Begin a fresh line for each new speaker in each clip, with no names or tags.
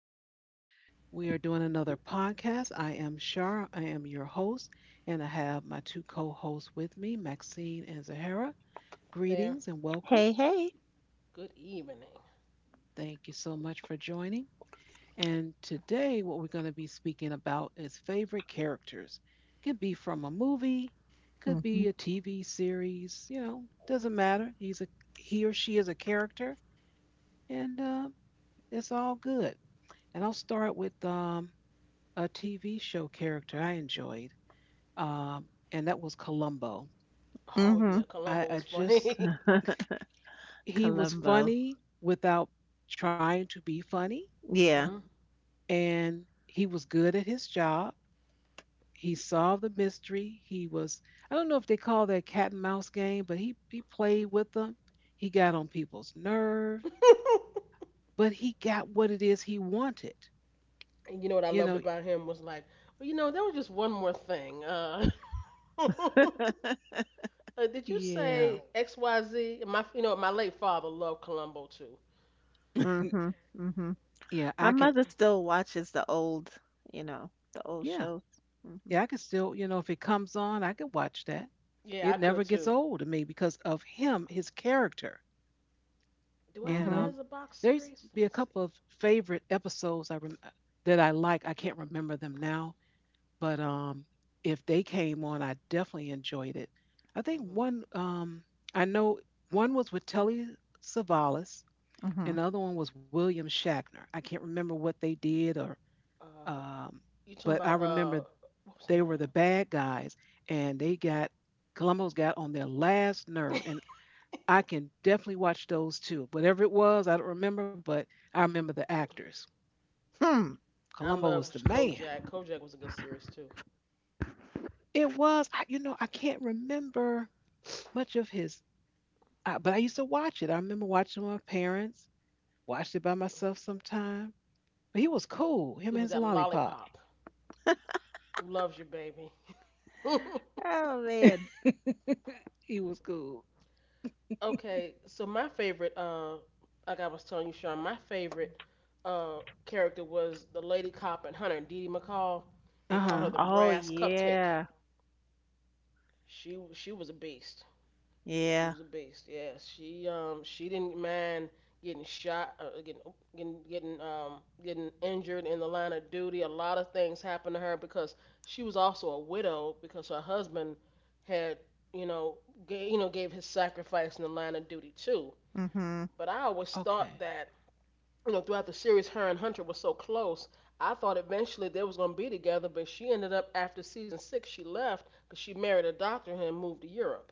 back. We are doing another podcast. I am Shar. I am your host, and I have my two co hosts with me, Maxine and Zahara.
hey there.
Greetings and welcome.
Hey, hey.
Good evening.
Thank you so much for joining. And today, what we're going to be speaking about is favorite characters. Could be from a movie, could
Mm-hmm.
be a TV series, you know, doesn't matter. He or she is a character, and it's all good. And I'll start with a TV show character I enjoyed, and that was Columbo.
Oh
Mm-hmm.
yeah, Columbo
I
was
just
funny.
He was
Columbo.
funny without trying to be funny,
Yeah.
Hmm.
and he was good at his job. He solved the mystery. He was I don't know if they call that cat and mouse game, but he played with them. He got on people's nerve, but he got what it is he wanted.
And you know what I
You know,
loved about him was like, well, you know, there was just one more thing. Uh, did you
yeah,
say XYZ? My late father loved Columbo too.
Mm-hmm. Mm-hmm.
yeah.
My mother still watches the old
Yeah.
shows. Mm-hmm.
Yeah, I could still, if it comes on, I could watch that.
Yeah,
It
I could
never gets
too.
old to me because of him, his character.
Do I
And
have
Mm-hmm.
that as a box
there used to
series?
be a
Let me
couple of
see. Maybe.
favorite episodes that I like. I can't remember them now, but if they came on, I definitely enjoyed it. I think
Hmm.
one, um, I know one was with Telly Savalas,
Mm-hmm.
and the other one was William Shatner. I can't remember what they did or,
Uh,
um,
you talking
but I
about
remember
what was the
they were
name?
the bad guys, and they got Columbo's got on their last nerve. And I can definitely watch those too. Whatever it was, I don't remember, but I remember the actors.
Hmm.
I
Columbo was the
loved
man.
Kojak. Kojak was a good series too.
It was, I, you know, I can't remember much of his, but I used to watch it. I remember watching it with my parents, watched it by myself sometime. But he was cool. Him
It
and
was
his
that
lollipop.
lollipop. Who loves you, baby.
Oh, man.
He was cool.
Okay, so my favorite, like I was telling you, Sean, my favorite uh, character was the lady cop and Hunter, Dee Dee McCall.
Uh
They called her
huh.
the
Oh,
Brass Cupcake.
yeah.
She was a beast. She
Yeah.
was a beast. Yeah, she didn't mind getting shot, getting injured in the line of duty. A lot of things happened to her because she was also a widow because her husband had you know you know gave his sacrifice in the line of duty too.
Mm-hmm.
But I always thought
Okay.
that throughout the series, her and Hunter were so close. I thought eventually they was gonna be together, but she ended up after season six she left because she married a doctor and moved to Europe.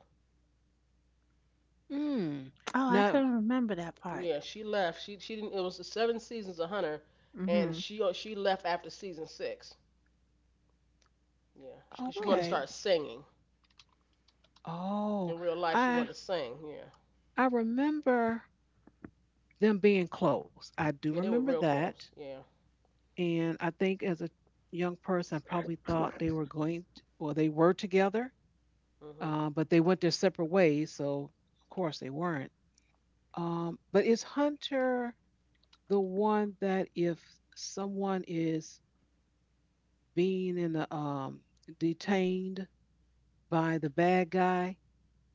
Hmm.
Oh, I
No.
couldn't remember that part.
Yeah, she left. She didn't. It was seven seasons of Hunter, and
Mm-hmm.
she left after season six. Yeah, because she
Hmm.
wanted to
Okay.
start singing
Oh,
in real life. She
I
wanted to sing. Yeah,
I remember them being close. I do
yeah, they were
remember
real
that.
close. Yeah.
And I think as a young person, I probably thought they were going to, well, they were together,
Hmm.
but they went their separate ways. So, of course, they weren't. But is Hunter the one that if someone is being in a, detained by the bad guy,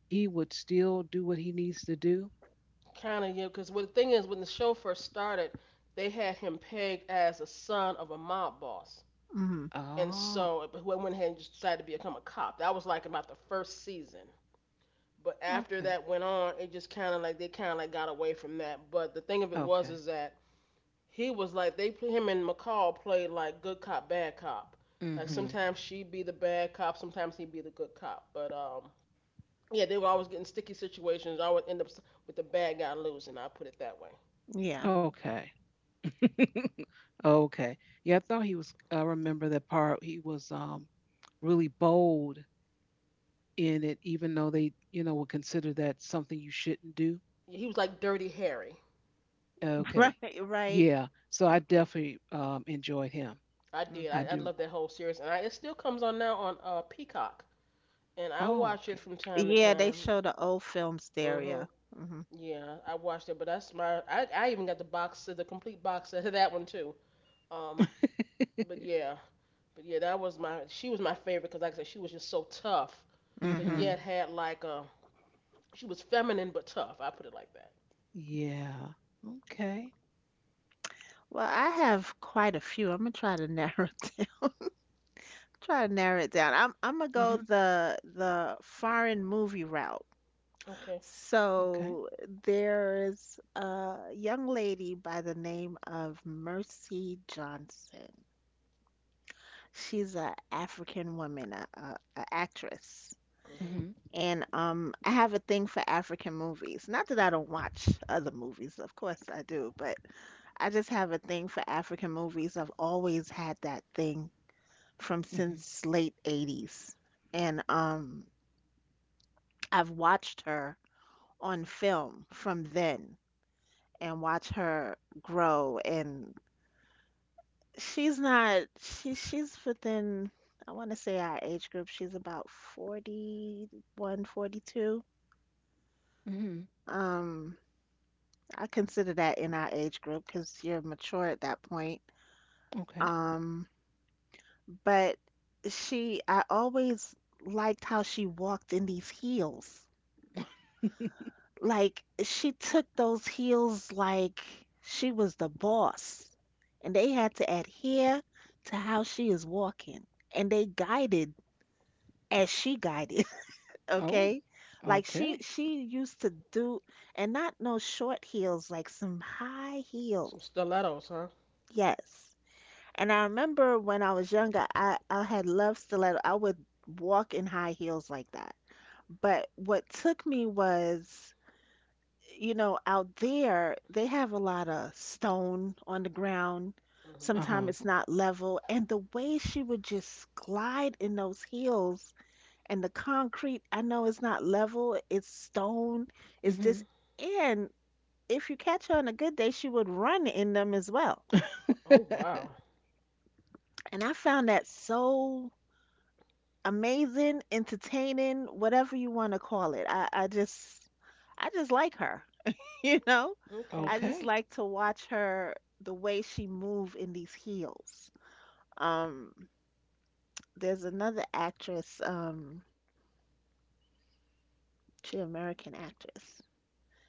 he would still do what he needs to do?
Kind of, yeah. Because what the thing is, when the show first started, they had him pegged as a son of a mob boss,
Mm-hmm.
and
Oh,
so but who went ahead and just decided to become a cop. That was like about the first season. But after
okay.
that went on, it just kind of like they kind of like got away from that. But the thing of it was
Okay.
is that he was like they him and McCall played like good cop, bad cop. Like
Mm-hmm.
sometimes she'd be the bad cop, sometimes he'd be the good cop. But yeah, they were always getting sticky situations. I would end up with the bad guy losing. I put it that way.
Yeah.
Okay. Okay. Yeah, I thought he was. I remember that part. He was really bold in it, even though they, would consider that something you shouldn't do.
Yeah, he was like Dirty Harry.
Okay.
Right, right.
Yeah. So I
Okay.
definitely enjoyed him.
I did.
I
I,
Mm-hmm.
I
do.
love that whole series, and it still comes on now on Peacock, and I
Oh,
watch it
okay.
from time to
Yeah, they
time.
show the old film
Mhm.
stereo. Mm-hmm.
Yeah, I watched it, but that's my. I even got the box set, the complete box set of that one too. Um, but yeah, But yeah, that was my she was my favorite because like I said, she was just so tough, but
Mm-hmm.
yet
Mm-hmm.
had like a she was feminine but tough. I put it like that.
Yeah. Okay.
Well, I have quite a few. I'm gonna try to narrow it down. Try to narrow it down. I'm gonna go
Mm-hmm.
the foreign movie route.
Okay.
Okay.
So there's a young lady by the name of Mercy Johnson. She's a African woman, a actress.
Mhm.
Mm-hmm.
And I have a thing for African movies. Not that I don't watch other movies, of course I do, but I just have a thing for African movies. I've always had that thing from
Mm-hmm.
since late 80s, and I've watched her on film from then, and watch her grow, and she's not she she's within, I want to say, our age group. She's about 41, 42.
Mm-hmm.
um I consider that in our age group because you're mature at that point.
Okay.
um but she I always liked how she walked in these heels. Like, she took those heels like she was the boss, and they had to adhere to how she is walking, and they guided as she guided, okay?
Oh.
Like, she
Okay.
she used to do, and not no short heels, like some high
Some
heels.
stilettos, huh?
Yes. And I remember when I was younger, I had love stiletto. I would walk in high heels like that. But what took me was, you know, out there, they have a lot of stone on the ground.
Mhm.
Sometimes
Uh-huh.
it's not level. And the way she would just glide in those heels and the concrete, I know it's not level, it's stone, it's this.
Mm-hmm.
And if you catch her on a good day, she would run in them as well.
Oh wow.
And I found that so amazing, entertaining, whatever you want to call it. I just like her. You know?
Okay.
I just
Okay.
like to watch her the way she move in these heels. Um, there's another actress. She American actress.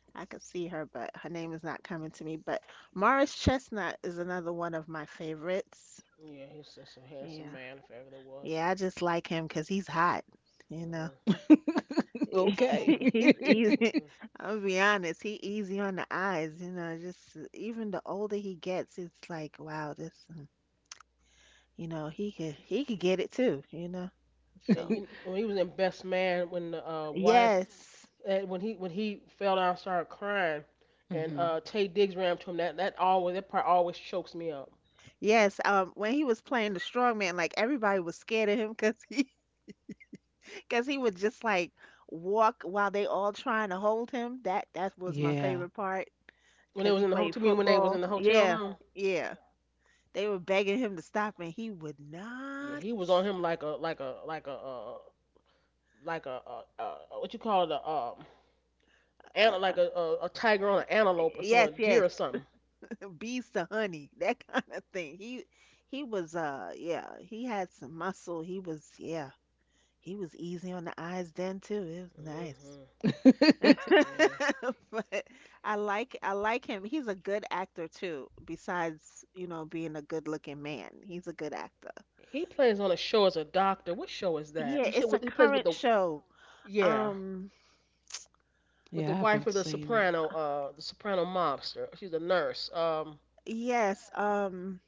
I could see her, but her name is not coming to me. But Morris Chestnut is another one of my favorites.
Yeah, he's just a handsome
Yeah.
man if ever there was.
Yeah, I just like him 'cause he's hot, you know.
Mhm.
Okay.
Mhm.
He's easy.
Mhm.
I'll be honest, he easy on the eyes, you know. Just even the older he gets, it's like, wow, this. You know, he could get it too, you know. So,
And you, when he was in Best Man, when the wife,
yes.
when he fell down, and started crying, and
Hmm.
Tay Diggs ran up to him. That part always chokes me up.
Yes, when he was playing the strongman, like, everybody was scared of him because he because he would just like walk while they all trying to hold him. That was my
Yeah.
favorite part
When they
because
was
he
in the hotel,
played
to me when they was in
football.
the hotel
Yeah.
room.
Yeah. They were begging him to stop, and he would
Yeah,
not.
he was on him like a like a, what you call it
Uh, uh,
like a tiger on an antelope or
yes,
someone deer
yes.
or something.
Bees to honey, that kind of thing. He was yeah, he had some muscle. He was, yeah. He was easy on the eyes then too. It was nice.
Hmm. Yeah.
But I like him. He's a good actor too, besides, you know, being a good-looking man. He's a good actor.
He plays on a show as a doctor. What show is that?
Yeah,
He
it's
show,
a
he plays with
current
the,
show.
yeah,
Um,
with the
Yeah, I
wife
haven't
of the
seen it.
soprano uh the soprano mobster. She's a nurse.
yes.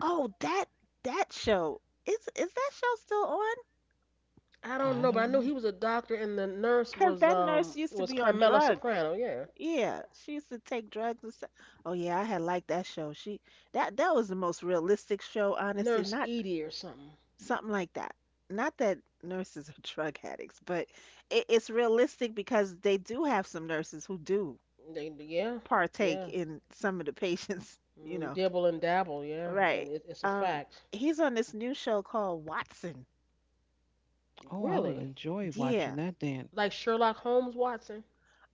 Oh, that show. Is that show still on?
I
I
don't know, but
don't
I know
know.
he was a doctor and the nurse
'Cause
was
that nurse
um
used to
was
be on
Carmela
drugs.
Soprano. Yeah,
Yeah, she used to take drugs and stuff. Oh yeah, I had liked that show. She that that was the most realistic show, honestly.
Nurse
Not.
Edie or something.
Something like that. Not that nurses are drug addicts, but it's realistic because they do have some nurses who do
They, yeah, yeah.
partake in some of the patients, you
Mm,
know.
dibble and dabble, yeah.
Right.
And it's a
Um,
fact.
he's on this new show called Watson.
Oh, I would
Really?
enjoy watching
Yeah.
that then.
Like Sherlock Holmes Watson?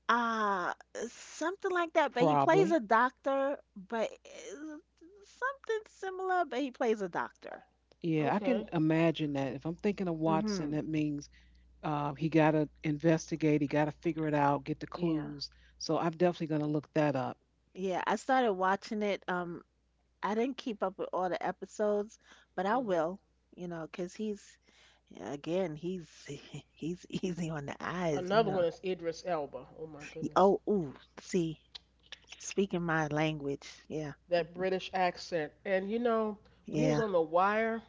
Uh, Something like that. But he plays a
Probably.
doctor, but something similar, but he plays a doctor.
Yeah, I can
Okay.
imagine that. If I'm thinking of Watson,
Mm-hmm.
that means he got to investigate, he got to figure it out, get the
Yeah.
clues. So I'm definitely going to look that up.
Yeah. I started watching it. I didn't keep up with all the episodes, but I will,
Hmm.
you know, 'cause he's he's easy on the eyes, you
Another
know.
one is Idris Elba. Oh my goodness.
Oh, ooh, see, speaking my language. Yeah.
That British accent. And you know, when he was
Yeah.
on The Wire,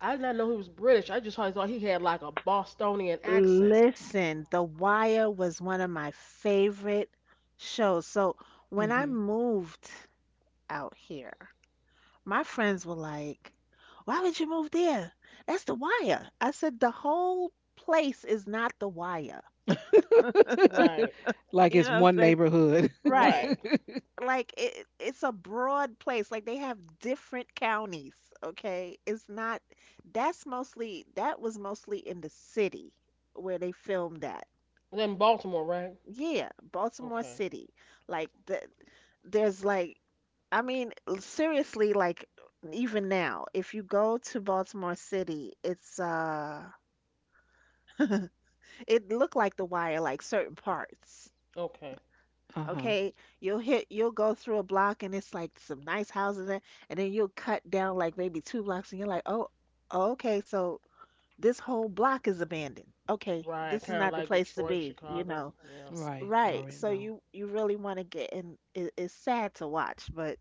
I did not know he was British. I just always thought he had like a Bostonian accent.
Listen, The Wire was one of my favorite shows. So, when I
Hmm.
moved out here, my friends were like, "Why would you move there? That's The Wire." I said, "The whole place is not The Wire."
Right.
Like
You
it's
know what I'm
one
saying?
neighborhood.
Right.
Right.
Like, it's a broad place, like they have different counties. Okay, it's not, that's mostly that was mostly in the city where they filmed that.
Then Baltimore, right?
Yeah, Baltimore
Okay.
city. Like, there's like, I mean, seriously, like, even now, if you go to Baltimore city, it's it looked like The Wire, like certain parts.
Okay.
Uh huh.
Okay, you'll go through a block, and it's like some nice houses there. And then you'll cut down like maybe two blocks, and you're like, oh, oh, okay, so this whole block is abandoned. Okay,
Right.
this is
Kind of
not the
like
place to
Detroit,
be, you
Chicago.
know.
Yeah.
Right. You
Right.
already
So,
know.
you really want to get in. It's sad to watch, but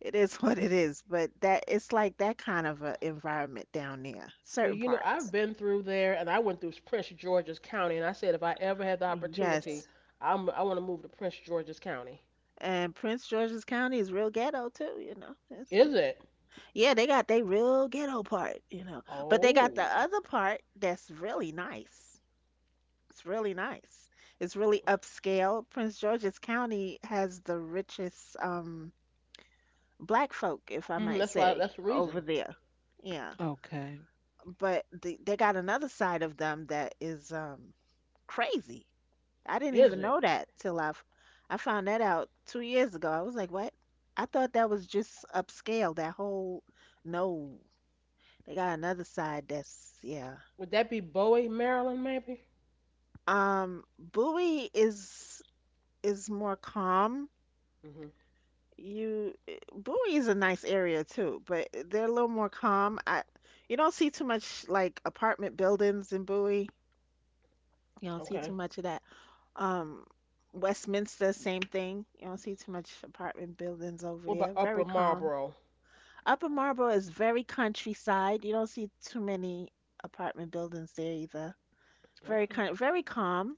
it is what it is. But that it's like that kind of a environment down there,
Well,
certain
you know, I've
parts.
been through there, and I went through Prince George's County, and I said if I ever had the opportunity,
Yes.
I want to move to Prince George's County.
And Prince George's County is real ghetto too, you know. It's a
Is it?
Yeah, they got they real ghetto part, you know. But they got the
Oh,
other part that's really nice. It's really nice. It's really upscale. Prince George's County has the richest black folk, if I
hmm
might
that's why.
say,
That's the
over
reason.
there. Yeah.
Okay.
But they got another side of them that is crazy. I didn't
Is
even
it?
know that till I found that out 2 years ago. I was like, "What?" I thought that was just upscale, that whole. No, they got another side, that's yeah.
Would that be Bowie, Maryland, maybe?
Bowie is more calm.
Hmm.
You Bowie is a nice area too, but they're a little more calm. I You don't see too much like apartment buildings in Bowie. You don't see
Okay.
too much of that. Um, Westminster, same thing. You don't see too much apartment buildings over
What about
there. Very
Upper
calm.
Marlboro?
Upper Marlboro is very countryside. You don't see too many apartment buildings there either. Very
Okay.
kind, very calm,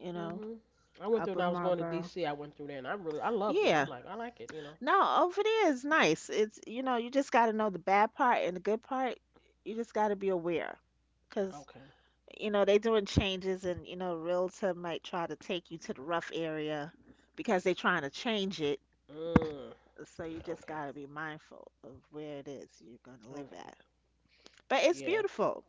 you know.
Hmm. I went through
Up
when
of
I was going to
Marlboro.
D.C. I went through there, and I loved it. I'm
Yeah.
like I like it.
No, over there is nice. It's, you know, you just got to know the bad part and the good part. You just got to be aware because,
Okay.
you know, they doing changes, and, you know, realtor might try to take you to the rough area because they trying to change it.
Mm,
So you
yeah.
just
Okay.
got to be mindful of where it is you're going to
Okay.
live at. But
But
it's
yeah.
beautiful,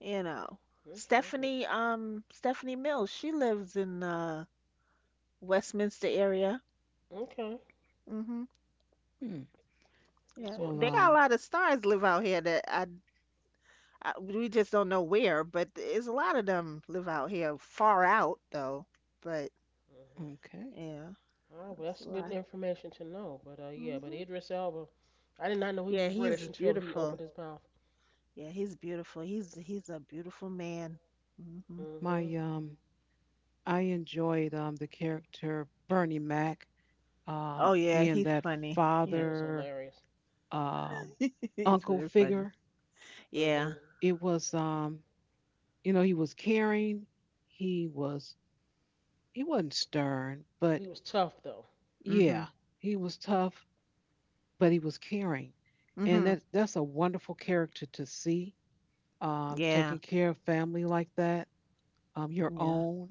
you know.
Okay.
Stephanie Mills, she lives in Westminster area.
Okay.
Mm-hmm.
Hmm.
Yeah,
That's
Well,
they
interesting.
got a lot of stars live out here that I we just don't know where, but there's a lot of them live out here, far out though. But
Mm-hmm.
okay.
yeah,
All right, well,
that's a
that's good
lot.
information to know. But Yeah, but
Hmm.
Idris Elba, I did not know he was
Yeah,
British
he's
until he
beautiful.
opened his mouth.
Yeah, he's beautiful. He's a beautiful man. Hmm.
Hmm.
My I enjoyed the character Bernie Mac
Oh yeah,
being
he's
that
funny.
He
Yeah,
was
father
hilarious.
um
he's
uncle
very funny.
figure.
Yeah.
Hmm.
It was you know he was caring, he was he wasn't stern, but
He was tough though.
Hmm.
yeah, he was tough, but he was caring. And that
Hmm.
that's a wonderful character to see
Yeah.
taking care of family like that, your
Yeah.
own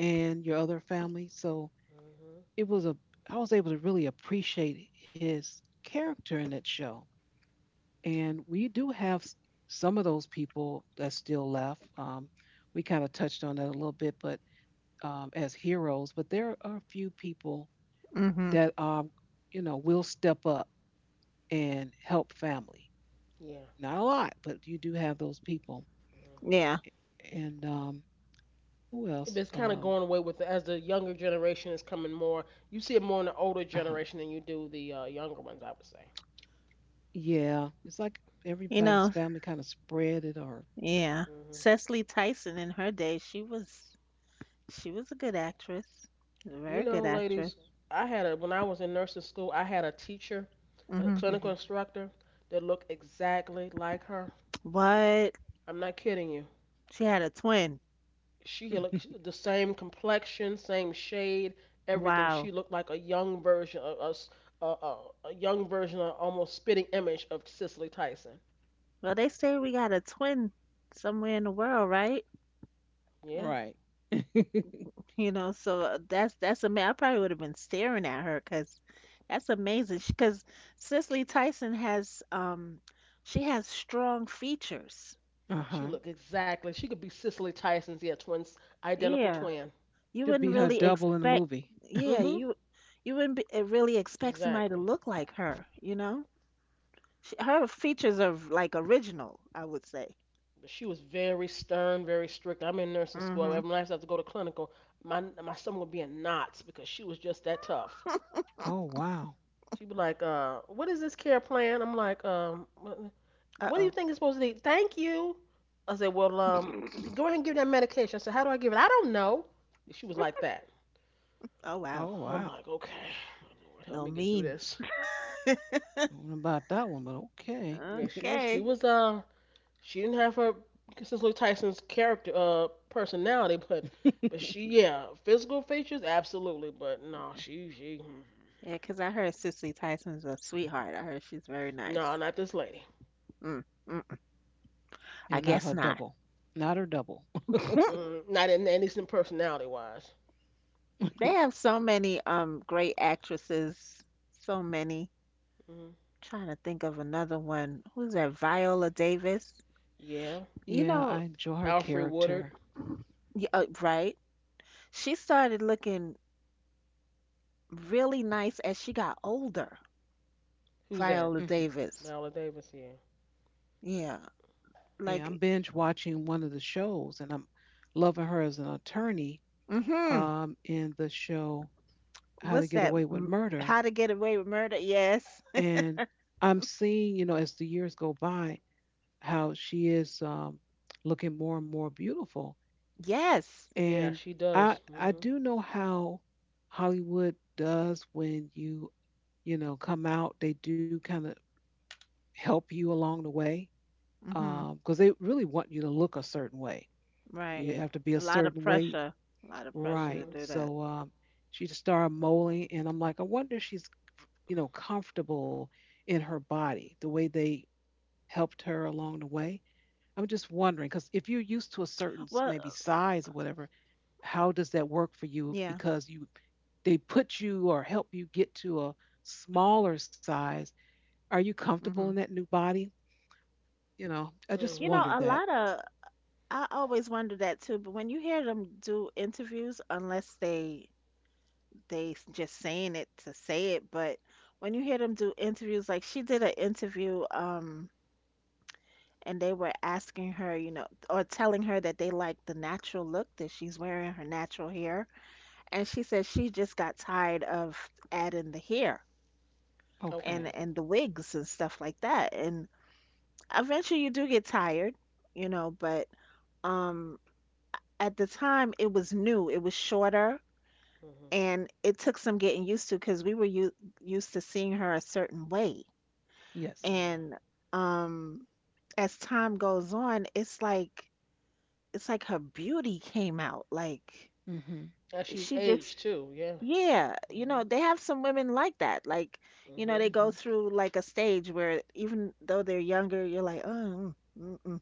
and your other family. So
Hmm.
it was a I was able to really appreciate his character in that show. And we do have some of those people that's still left. We kind of touched on that a little bit, but as heroes, but there are a few people
Hmm.
that will step up and help family.
Yeah.
Not a lot, but you do have those people.
Yeah.
Hmm.
And who else?
It's kind of going away with the, as the younger generation is coming more. You see it more in the older
Uh huh.
generation than you do the younger ones, I would say.
Yeah, it's like
You
everybody's
know,
family kind of spread it or.
yeah.
Hmm.
Cecily Tyson in her day, she was a good actress, a
You
very
know,
good actress.
ladies, I had a when I was in nursing school, I had a teacher, a
Hmm.
Mhm.
clinical instructor that looked exactly like her.
But
I'm not kidding you.
she had a twin.
She looked the same complexion, same shade, everything.
Wow.
She looked like a young version of us, a, a, a young version, of almost spitting image of Cicely Tyson.
Well, they say we got a twin somewhere in the world, right?
Yeah,
Right.
You know, so that's amazing. I probably would have been staring at her because that's amazing. Because Cicely Tyson has she has strong features.
Uh-huh.
she looked exactly. She could be Cicely Tyson's, yeah, twins, identical
Yeah,
twin.
you
Should be
wouldn't
her
really
double in the
expect.
movie.
Yeah,
Mm-hmm.
you wouldn't be, really expect somebody to
Exactly.
look like her. You know? Sh her features are like original, I would say.
But she was very stern, very strict. I'm in nursing school.
Hmm.
Every night I have to go to clinical, my stomach would be in knots because she was just that tough.
Oh wow.
She'd be like, "What is this care plan?" I'm like, what do you
Uh-oh.
think it's supposed to be? Thank you. I said, well, go ahead and give that medication. I said, how do I give it? I don't know. And she was like that.
Oh wow.
Oh
I'm
wow.
like, okay, my Lord, help
Little
me get through
mean.
this.
Don't know about that one, but okay.
Yeah,
Okay.
she didn't have her Cicely Tyson's character, personality, but yeah, physical features, absolutely, but no,
Yeah, because I heard Cicely Tyson's a sweetheart. I heard she's very
no,
nice.
not this lady.
Mm, mm.
Yeah,
I
not
guess
her
not.
double. Not her double.
Mm-mm, not in, at least in personality wise.
They have so many great actresses. So many.
Mm,
Trying to think of another one. Who's that? Viola Davis.
yeah,
You
Yeah, I
know,
enjoy her
Alfred Woodard.
character.
right? She started looking really nice as she got older.
Who's that?
Viola
Hmm.
Davis.
Viola Davis. Yeah.
Yeah.
Yeah, I'm
Like,
binge watching one of the shows, and I'm loving her as an attorney.
mm-hmm.
In the show How to
What's
Get
that?
Away with Murder,
How to Get Away with Murder? Yes.
and I'm seeing, as the years go by, how she is looking more and more beautiful.
Yes.
Yeah,
And
she
I
does.
I
Mhm.
do know how Hollywood does when you know come out. They do kind of help you along the way
Mm-hmm.
because they really want you to look a certain way.
Right.
You
Yeah.
have to be
A
a
lot of
certain weight,
pressure. A lot of pressure to
right?
Mhm.
do that.
So she just started modeling, and I'm like, I wonder if she's comfortable in her body the way they helped her along the way. I'm just wondering because if you're
Well,
used to a certain maybe size or whatever, how does that
yeah.
work for you because you they put you or help you get to a smaller size, are you
Mm-hmm.
comfortable in that new body? You know, I
You
just
know,
Mhm.
a
wondered
lot
that.
of I always wonder that too, but when you hear them do interviews, unless they just saying it to say it, but when you hear them do interviews, like she did an interview, and they were asking her, you know, or telling her that they like the natural look that she's wearing, her natural hair. And she said she just got tired of adding the hair and
Okay.
Okay.
the wigs and stuff like that. And eventually you do get tired, you know, but um at the time it was new, it was shorter,
Mhm.
and it took some getting used to because we were used to seeing her a certain way.
Yes.
Yeah.
And um as time goes on, it's like her beauty came out. Like
Mhm.
And she's
she just,
aged too. Yeah.
yeah, you know,
Mhm.
they have some women like that. Like, you know,
Mhm.
they go
Mhm.
through like a stage where even though they're younger, you're like, "Oh, mm, mm mm."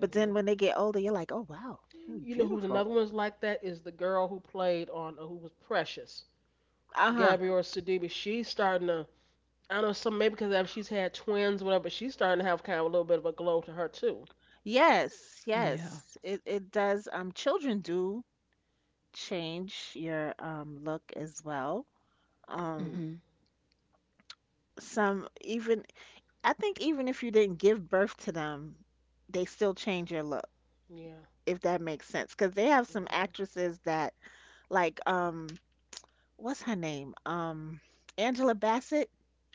But then when they get older, you're like, "Oh, wow. Mm. Mm,
You know who's
beautiful."
another one's like that is the girl who played on who was Precious,
Uh-huh.
Gabrielle Sidibe. She's starting to. I don't know, some maybe because she's had twins, whatever. But she's starting to have kind of a little bit of a glow to her too.
Yes,
Yeah.
yes. It does children do change your look as well.
Mhm.
Um
Mhm.
some even I think even if you didn't give birth to them, they still change your look.
Yeah.
If that makes sense, because they have some
Mhm.
actresses that, like, what's her name? Angela Bassett.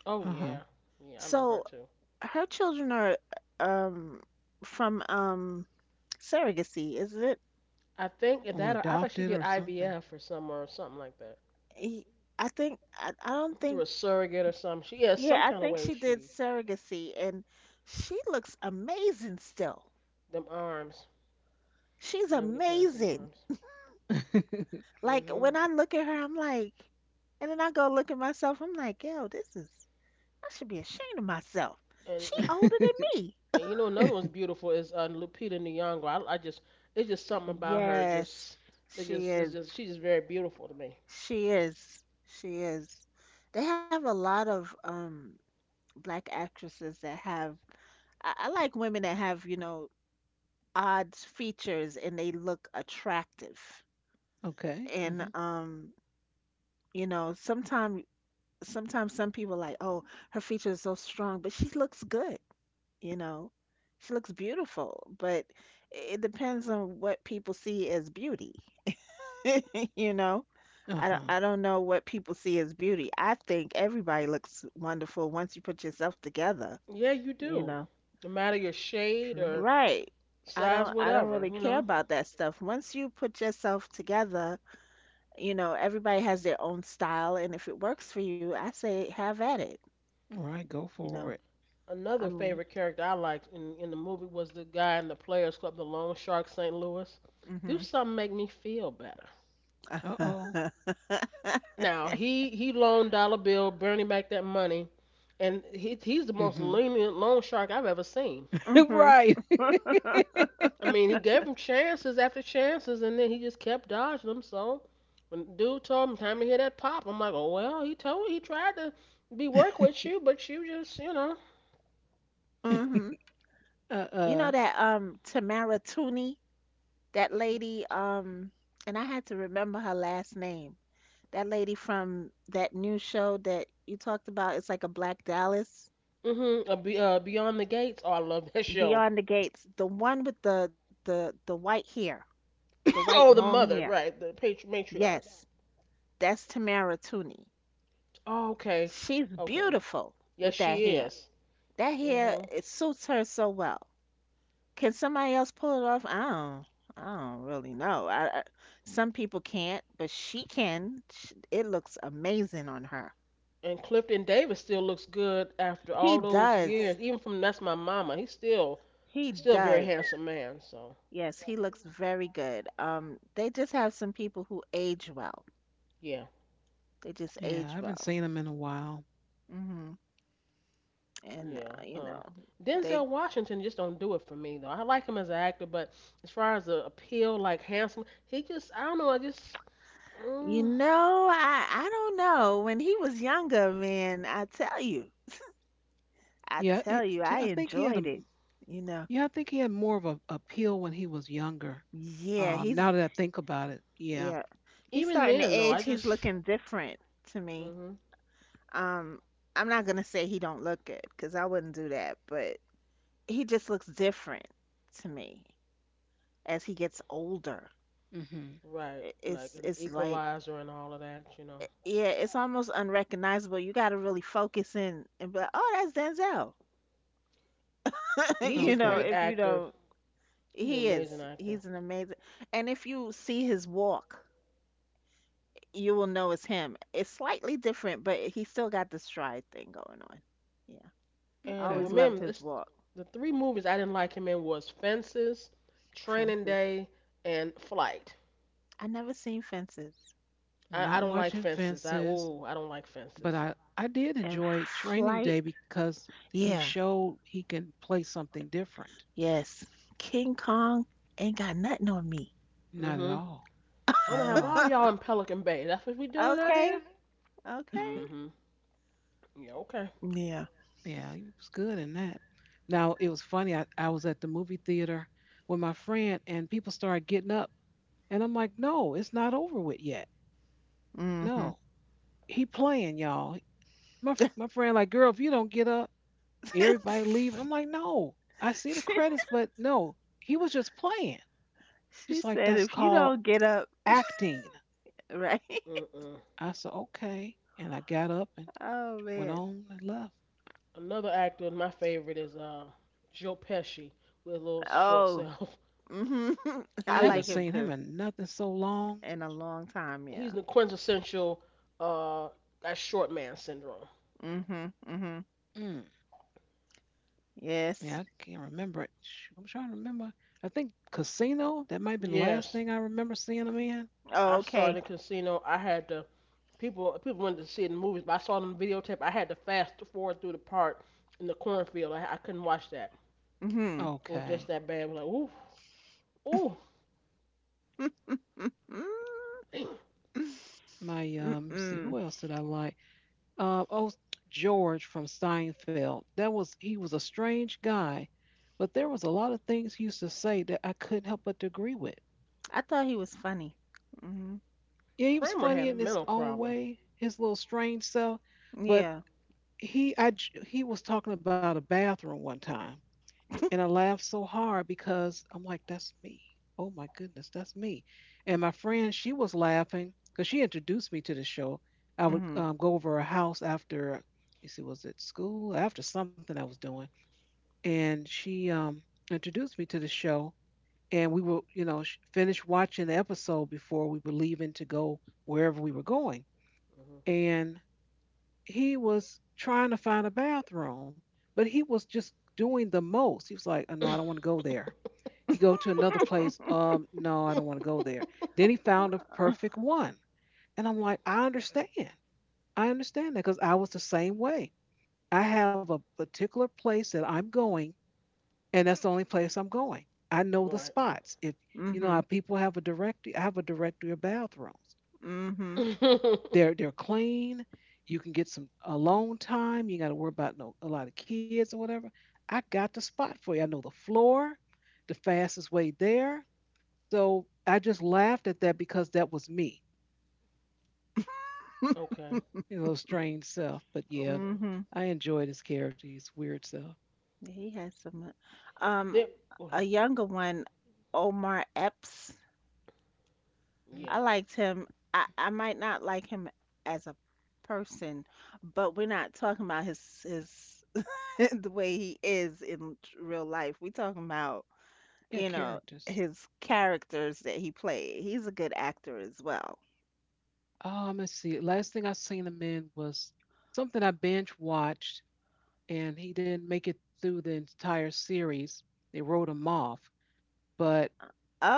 Oh
Uh-huh.
yeah. Yeah. I love her
So
too.
her children are um from surrogacy, isn't it?
I think if
Or
that. I thought she
adopted
did
or something.
IVF or somewhere or something like
He, I think I don't
through
think,
a surrogate or something. She has some
yeah, I
kind of
think
way
she did
she
surrogacy and she looks amazing still.
them arms
She's
never get past them
amazing.
arms.
Like
Mhm.
when I look at her, I'm like, and then I go look at myself, I'm like, yo, this is I should be ashamed of myself.
And,
She
and
older than me.
and you know another one's beautiful is Lupita Nyong'o. I just It's just something about her.
Yes,
Just it
she
just it's
is.
just She's just very beautiful to me.
She is. She is. They have a lot of black actresses that have I like women that have, you know, odd features and they look attractive.
Okay.
And
Mhm.
you know, sometimes some people like, "Oh, her features is so strong, but she looks good," you know. She looks beautiful, but it depends on what people see as beauty. You know, I don't,
Uh-huh.
I don't know what people see as beauty. I think everybody looks wonderful once you put yourself together,
Yeah, you
you
do.
know.
No matter your shade
True.
or
Right. I
size,
don't I don't
whatever
really
you
care
know.
about that stuff. Once you put yourself together, you know, everybody has their own style and if it works for you, I say have at it,
All right, go
you
for it.
know. I
Another
mean,
favorite character I liked in the movie was the guy in the Players Club, the Lone shark, St. Louis. Do
mhm.
something make me feel better.
Uh-oh.
Now he loaned Dollar Bill Bernie back that money, and he's the most
Mhm.
lenient loan shark I've ever seen.
Mhm.
Right.
I mean, he gave him chances after chances, and then he just kept dodging them. So when the dude told him time to hear that pop, I'm like, oh well, he tried to be work with you, but you just.
Mhm. You know
Uh-uh.
that Tamara Tooney? That
Mm.
lady, and I had to remember her last name. That lady from that new show that you talked about, it's like a Black Dallas.
Mhm. Beyond the Gates. Oh, I love that show.
Beyond the Gates, the one with the white hair, the white
Oh, the
long
mother,
hair.
right? The matriarch.
Yes, that's Tamara Tooney.
Oh, okay.
She's
Okay.
beautiful
Yes,
with that
she
hair.
is.
That
Mm.
hair
Mhm.
it suits her so well. Can somebody else pull it off? I don't. I don't really know. I some people can't, but she can. Sh it looks amazing on her.
And Clifton Davis still looks good after
He
all those
does.
years. Even from that's my mama. He's still
He
he's still a very
does.
handsome man. So
Yes, he looks very good. They just have some people who age well.
yeah,
They just
Yeah, I
age
haven't
well.
seen him in a while.
Hmm. And
yeah.
you know, they.
Denzel Washington just don't do it for me though. I like him as an actor, but as far as the appeal, like handsome, he just I don't know. I just,
You
mm,
know, I don't know. When he was younger, man, I tell you, I
Yeah,
tell you,
I
I
think he had a
enjoyed it. You know.
Yeah, I think he had more of a appeal when he was younger.
Yeah,
Now
he's
that I think about it, yeah.
yeah. He's
even
starting to
then though,
age.
I
He's
just,
looking different to me.
hmm
Um, I'm not gonna say he don't look good, cause I wouldn't do that, but he just looks different to me as he gets older.
Hmm.
right
I-
like
It's
an
it's like,
Equalizer and all of that. You know,
yeah, it's almost unrecognizable. You got to really focus in and be like, oh, that's Denzel.
he's a
You know,
Okay.
great
if you
actor.
don't,
He's an
he
amazing
is.
actor.
He's an amazing. And if you see his walk, you will know it's him. It's slightly different, but he still got the stride thing going on. Yeah, I
Okay.
And
always loved
remember,
his
this,
walk.
the three movies I didn't like him in was Fences, Training
Fences.
Day, and Flight.
I never seen Fences.
I
Not
don't like
watching
Fences. I
fences,
ooh, I don't like
but
Fences.
I did
And
enjoy Training
Flight.
Day because he
Yeah,
showed he can play something different.
yes, King Kong ain't got nothing on me.
Not at
Mhm.
all.
I'm gonna
Not
have
at
all
all.
y'all in Pelican Bay. That's what we doing out here.
Okay. Okay.
Mhm. Yeah. Okay.
Yeah.
Yeah, he was good in that. Now it was funny. I was at the movie theater with my friend, and people started getting up, and I'm like, no, it's not over with yet.
Mm-hmm.
No, he playing, y'all. My friend like, girl, if you don't get up, everybody leaving. I'm like, no, I see the
She
credits, but no, he was just playing.
she
She's like,
said
that's
if you
called
don't get up,
acting.
right?
Mm-mm.
I said, okay, and I got up and
Oh
went
man.
on and left.
Another actor, and my favorite is Joe Pesci with a little short
Oh.
self.
Hmm.
I
I
He is a
haven't
like him
seen him
too.
in nothing so long.
In a long time,
he's
yeah.
the quintessential uh that short man syndrome.
Hmm. Hmm.
Mm, yeah, I
Yes.
can't remember it. Shoot, I'm trying to remember. I think Casino. That might have been the last
Yes.
thing I remember seeing him in.
Oh,
I saw it
okay.
in casino. I had to people wanted to see it in the movies, but I saw it on videotape. I had to fast forward through the part in the cornfield. I couldn't watch that.
Hmm.
It was
Okay.
just that bad. I was like, ooh, ooh.
My Let's
Mm-mm.
see, who else did I like? Oh, George from Seinfeld. That was He was a strange guy, but there was a lot of things he used to say that I couldn't help but to agree with.
I thought he was funny. Hmm.
Yeah, he was
Kramer
funny
had a
in his
mental
own
problem.
way, his little strange self, but
Yeah.
he was talking about a bathroom one time, and I laughed so hard because I'm like, that's me. Oh my goodness, that's me. And my friend, she was laughing because she introduced me to the show. I would
Hmm.
go over her house after, you see, was it school after something I was doing and she introduced me to the show. And we were, finished watching the episode before we were leaving to go wherever we were going. And he was trying to find a bathroom, but he was just doing the most. He was like, oh, "No, I
Mhm.
don't want to go there." He go to another place. No, I don't want to go there. Then he found a perfect one, and I'm like, I understand. I understand that because I was the same way. I have a particular place that I'm going and that's the only place I'm going. I know the
Right.
spots. If how
Hmm.
people have a directory. I have a directory of bathrooms.
Mhm.
Okay.
They're clean. You can get some alone time. You got to worry about no a lot of kids or whatever. I got the spot for you. I know the floor, the fastest way there. So I just laughed at that because that was me,
Okay.
strange self. But yeah,
Mhm.
I enjoyed his character, his weird self.
He has some. Um,
Then, okay,
a younger one, Omar Epps.
Mhm.
yeah.
I liked him. I might not like him as a person, but we're not talking about his the way he is in real life. We're talking about,
Yeah,
you know,
characters.
his characters that he played. He's a good actor as well.
Let's see. Last thing I seen him in was something I binge watched and he didn't make it through the entire series. They wrote him off, but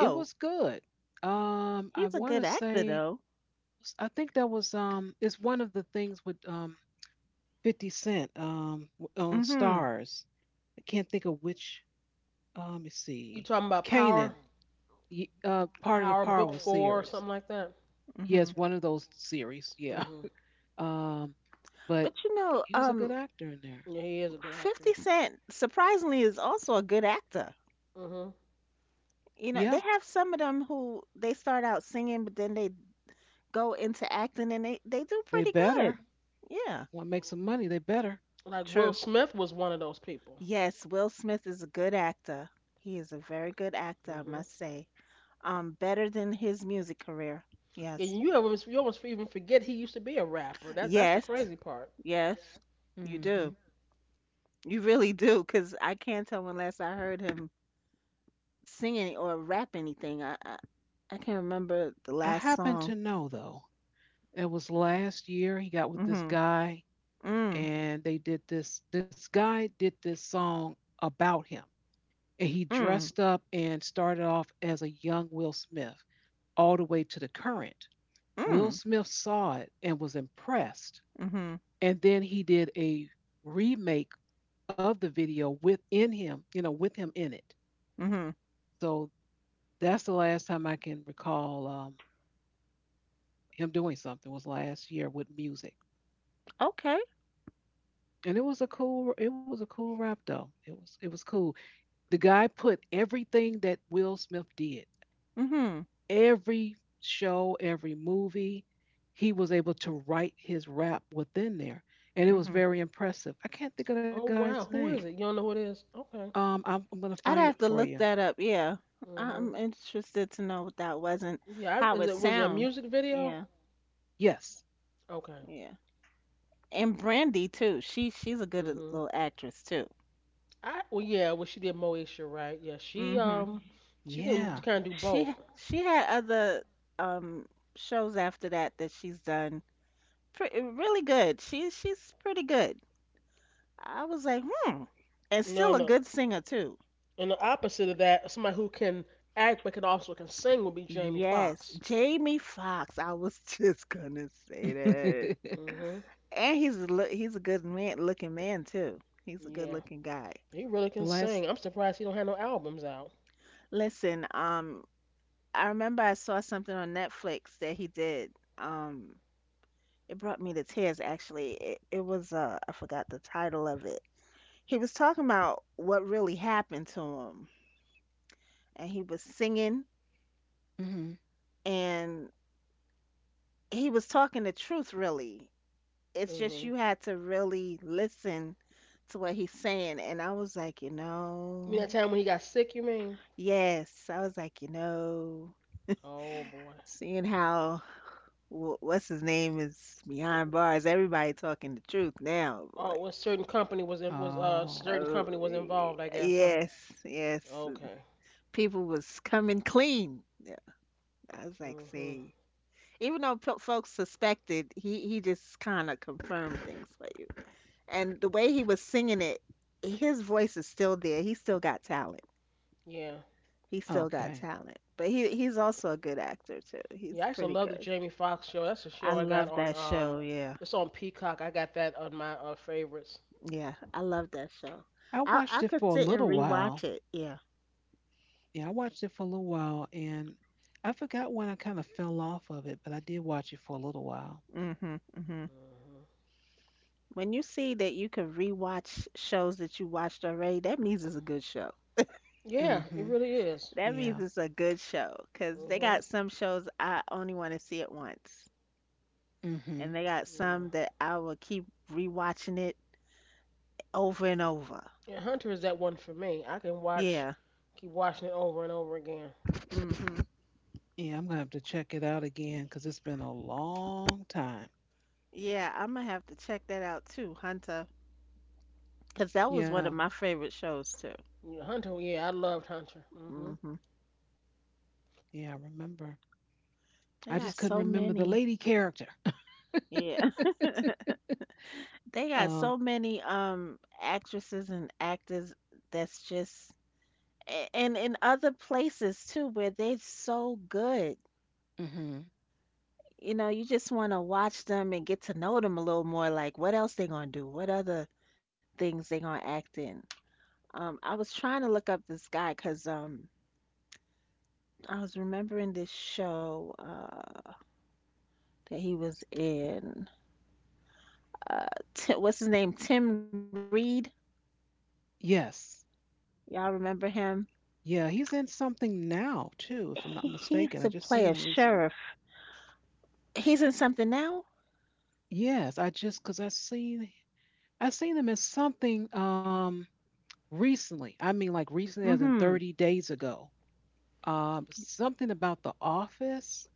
it was good. I
he's a
want
good
to
actor
say,
though.
I think that was it's one of the things with 50 Cent on
Mhm.
Stars. I can't think of which. Let me
You
see,
talking about Power?
Canaan, part of the
Power Book
Power
Four or something
series.
like that?
Mhm.
Yes, one of those series. Yeah.
Mhm.
Um, but
But you know,
he was a good actor in there.
Yeah, he is a good actor.
50 Cent surprisingly is also a good actor.
Mhm.
You know, they
Yeah,
have some of them who they start out singing, but then they go into acting and they do
they
pretty good.
better.
Yeah,
Want to make some money? They better.
Like Will
true.
Smith was one of those people.
Yes, Will Smith is a good actor. He is a very good actor, I
Mhm.
must say. Better than his music career.
And
Yes.
you almost even forget he used to be a rapper. That's the
Yes.
crazy part.
Yes. You do.
Hmm.
You really do, 'cause I can't tell when last I heard him sing any or rap anything. I can't remember the
I
last
happen to
song.
know though, it was last year he got with this
Mm-hmm.
guy
Mm,
and they did this guy did this song about him. And he
mm,
dressed up and started off as a young Will Smith all the way to the current. Will
mm,
Smith saw it and was impressed.
mhm,
And then he did a remake of the video within him, you know, with him in it.
mhm.
So that's the last time I can recall him doing something was last year with music.
Okay.
And it was a cool it was a cool rap though. It was cool. The guy put everything that Will Smith did,
Mhm,
every show, every movie, he was able to write his rap within there. And it was
mhm.
very impressive. I can't think of the
Oh
guy's
wow, who
name.
is it? You don't know who it is? Okay.
I'm gonna
I'd
find
have
it
to
for
look
you.
that up. Yeah,
Mhm.
I'm interested to know what that was and
Yeah. I,
how
is
it
it, was it a
sound.
music video?
Yeah,
Yes.
Okay.
yeah. And Brandy too. She's a good
Mhm.
little actress too.
I, well yeah. Well she did Moesha, right? Yeah.
Mhm.
She can
Yeah.
kind of do
She
both.
ha- she had other um shows after that that she's done. Pretty, really good. She's pretty good. I was like, hmm, and
No
still
on
a
the
good singer too.
And the opposite of that, somebody who can act but can also can sing would be Jamie
Yes,
Foxx.
Jamie Foxx. I was just gonna say that.
the
Mhm.
And he's a look, he's a good man looking man too. He's a good
Yeah.
looking guy.
He really can
last
sing. I'm surprised he don't have no albums out.
Listen, I remember I saw something on Netflix that he did. Um, it brought me to tears actually. It was I forgot the title of it. He was talking about what really happened to him, and he was singing,
mhm.
and he was talking the truth really. It's just
Mhm.
you had to really listen to what he's saying. And I was like, you
You mean
know,
that time when he got sick? You mean?
yes. I was like, you know,
Oh boy.
seeing how what's his name is behind bars, everybody talking the truth now, boy.
Oh, was certain company was in, was
Oh,
certain
Uh,
company was involved, I guess, huh?
yes, yes.
Okay.
People was coming clean. Yeah, I was like,
Mhm.
see, even though folks suspected, he just kind of confirmed things for you. And the way he was singing it, his voice is still there. He's still got talent.
Yeah.
He's still got
okay.
talent. But he's also a good actor too. He's
Yeah, I used to
pretty
love the
good.
Jamie Foxx show. That's a show
I
I got
love
on
that
um
show. Yeah.
It's on Peacock. I got that on my favorites.
Yeah. I love that show.
I
I
watched
I
it
could
for a
sit and
little
rewatch
while.
it. Yeah.
Yeah, I watched it for a little while, and I forgot when I kind of fell off of it, but I did watch it for a little while.
Mhm. Mhm.
Mhm.
When you see that you can rewatch shows that you watched already, that means it's a good show.
Yeah, it
Hmm.
really is.
That means
Yeah.
it's a good show because they
Mhm.
got some shows I only want to see it once,
Hmm.
and they got
Yeah.
some that I will keep rewatching it over and over.
Yeah, Hunter is that one for me. I can watch
Yeah.
keep watching it over and over again.
Hmm.
Yeah, I'm gonna have to check it out again because it's been a long time.
Yeah, I'm gonna have to check that out too, Hunter, because that was
Yeah.
one of my favorite shows too.
Yeah, Hunter, yeah, I loved Hunter. Mhm.
Hmm.
Yeah, I remember.
They
I
got
just couldn't
so
remember the
many.
lady character.
Yeah, they got
um.
so many actresses and actors that's just and in other places too where they're so good.
Hmm.
You know, you just want to watch them and get to know them a little more. Like, what else they gonna do? What other things they gonna act in? I was trying to look up this guy because I was remembering this show, that he was in. Uh, what's his name? Tim Reed.
Yes.
Y'all remember him?
Yeah, he's in something now too,
He,
if I'm not
he used to
mistaken. I
play a
just seen him
sheriff.
recently.
He's in something now?
Yes, I just because I seen him in something. Recently, I mean like recently as in
Mm-hmm.
30 days ago. Something about The Office.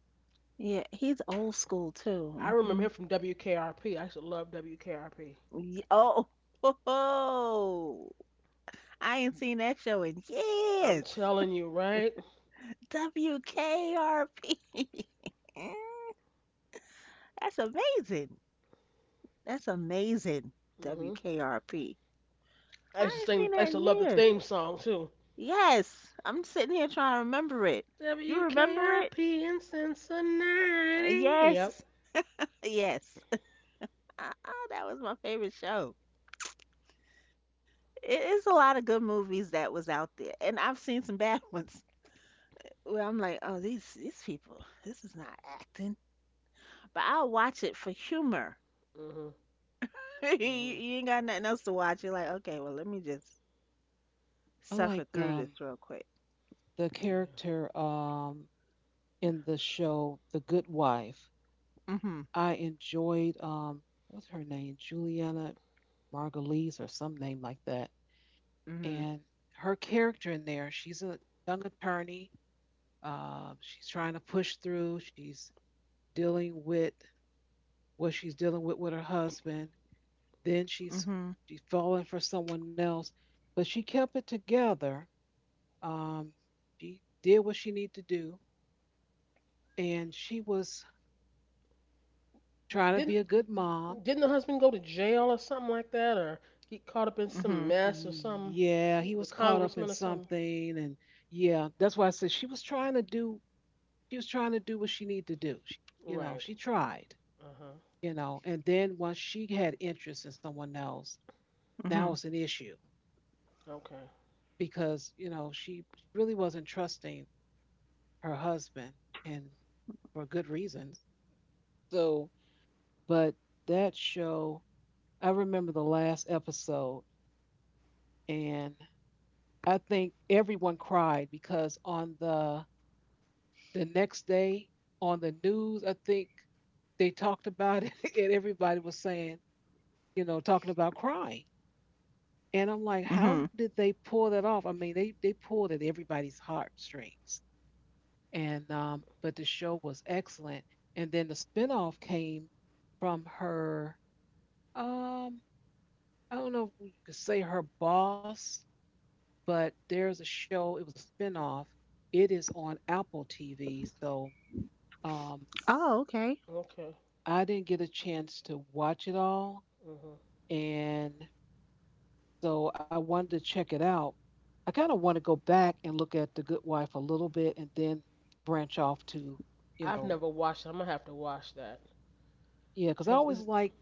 Yeah, he's old school
I
too.
remember
Hmm.
him from WKRP. I used to love WKRP.
Oh, ho, I ain't seen that show in
I'm
years.
telling you, right?
WKRP. That's amazing. That's amazing.
Mm-hmm.
WKRP.
I used to
I ain't
sing.
seen
I
that
used to
in
love the
years.
theme song too.
Yes, I'm sitting here trying to remember it. You remember it?
WKRP in Cincinnati. Yep.
Yes, yes. Ah, that was my favorite show. It is a lot of good movies that was out there, and I've seen some bad ones where I'm like, oh, these people, this is not acting. But I'll watch it for humor.
Mhm.
You,
Mhm.
you ain't got nothing else to watch. You're like, okay, well, let me just
I like
suffer through this real quick.
the
Yeah.
character in the show The Good Wife.
Mm-hmm.
I enjoyed what's her name? Juliana Margulies or some name like that.
Mm-hmm.
And her character in there, she's a young attorney. She's trying to push through. She's dealing with what she's dealing with her husband, then she's
Mm-hmm.
she's falling for someone else, but she kept it together, um, she did what she needed to do, and she was trying to
Didn't
be a good mom.
didn't the husband go to jail or something like that, or get caught up in some
Mm-hmm.
mess or some,
Yeah, he was
the
caught up in
congressman or something?
something. And yeah, that's why I said she was trying to do she was trying to do what she needed to do. She, you know,
Right.
she tried,
Uh huh.
you know. And then once she had interest in someone else, now
Mm-hmm.
it's an issue
Okay.
because, you know, she really wasn't trusting her husband, and for good reasons. So, but that show, I remember the last episode, and I think everyone cried because on the next day on the news, I think they talked about it, and everybody was saying, you know, talking about crying. And I'm like,
Mm-hmm.
how did they pull that off? I mean, they pulled at everybody's heartstrings. And but the show was excellent. And then the spinoff came from her. Um, I don't know if you could say her boss, but there's a show. It was a spinoff. It is on Apple TV, so um,
Oh, okay.
Okay.
I didn't get a chance to watch it all,
Mhm.
and so I wanted to check it out. I kind of want to go back and look at The Good Wife a little bit, and then branch off to, you
I've
know,
never watched it. I'm gonna have to watch that.
yeah, because I
Has
always
is
like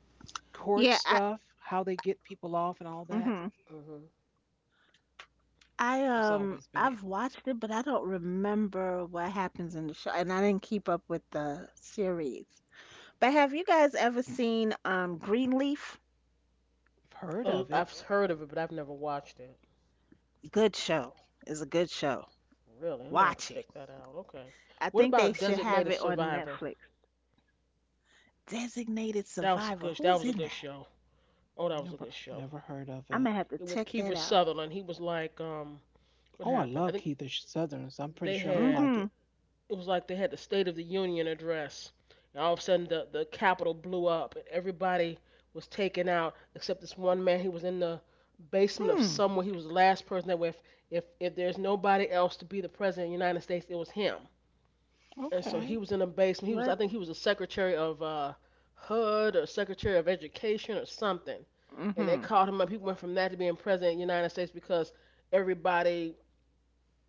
court
Yeah, I.
stuff, how they get people off and all that.
Mm-hmm.
Mhm.
I
It's always been. A, I've
I've watched it, but I don't remember what happens in the show, and I didn't keep up with the series. But have you guys ever seen Greenleaf?
heard of it.
I've heard of it, but I've never watched it.
Good show. It's a good show.
Really, I'm gonna have
Watch
to
it.
check that out. Okay.
I
What
think they
about
should have
Designated
it on
Survivor?
Netflix. Designated Survivor. Who's in
That
that?
was a good show. Oh, that was a
Never,
good show.
never heard
I'm gonna
of
have to
it.
check
It was
that
Kiefer
out.
Sutherland, he was like,
Oh,
what
I love
happened? I think
Keitha Southerns. I'm pretty
they
sure I'm gonna
had.
like
Mm-hmm.
it.
It was like they had the State of the Union address, and all of a sudden the Capitol blew up, and everybody was taken out except this one man. He was in the basement of
Hmm.
somewhere. He was the last person that if there's nobody else to be the president of the United States, it was him. And so he
Okay.
was in the basement. He was I
What?
think he was a secretary of HUD or secretary of education or something. And they
Mm-hmm.
called him up. He went from that to being president of the United States because everybody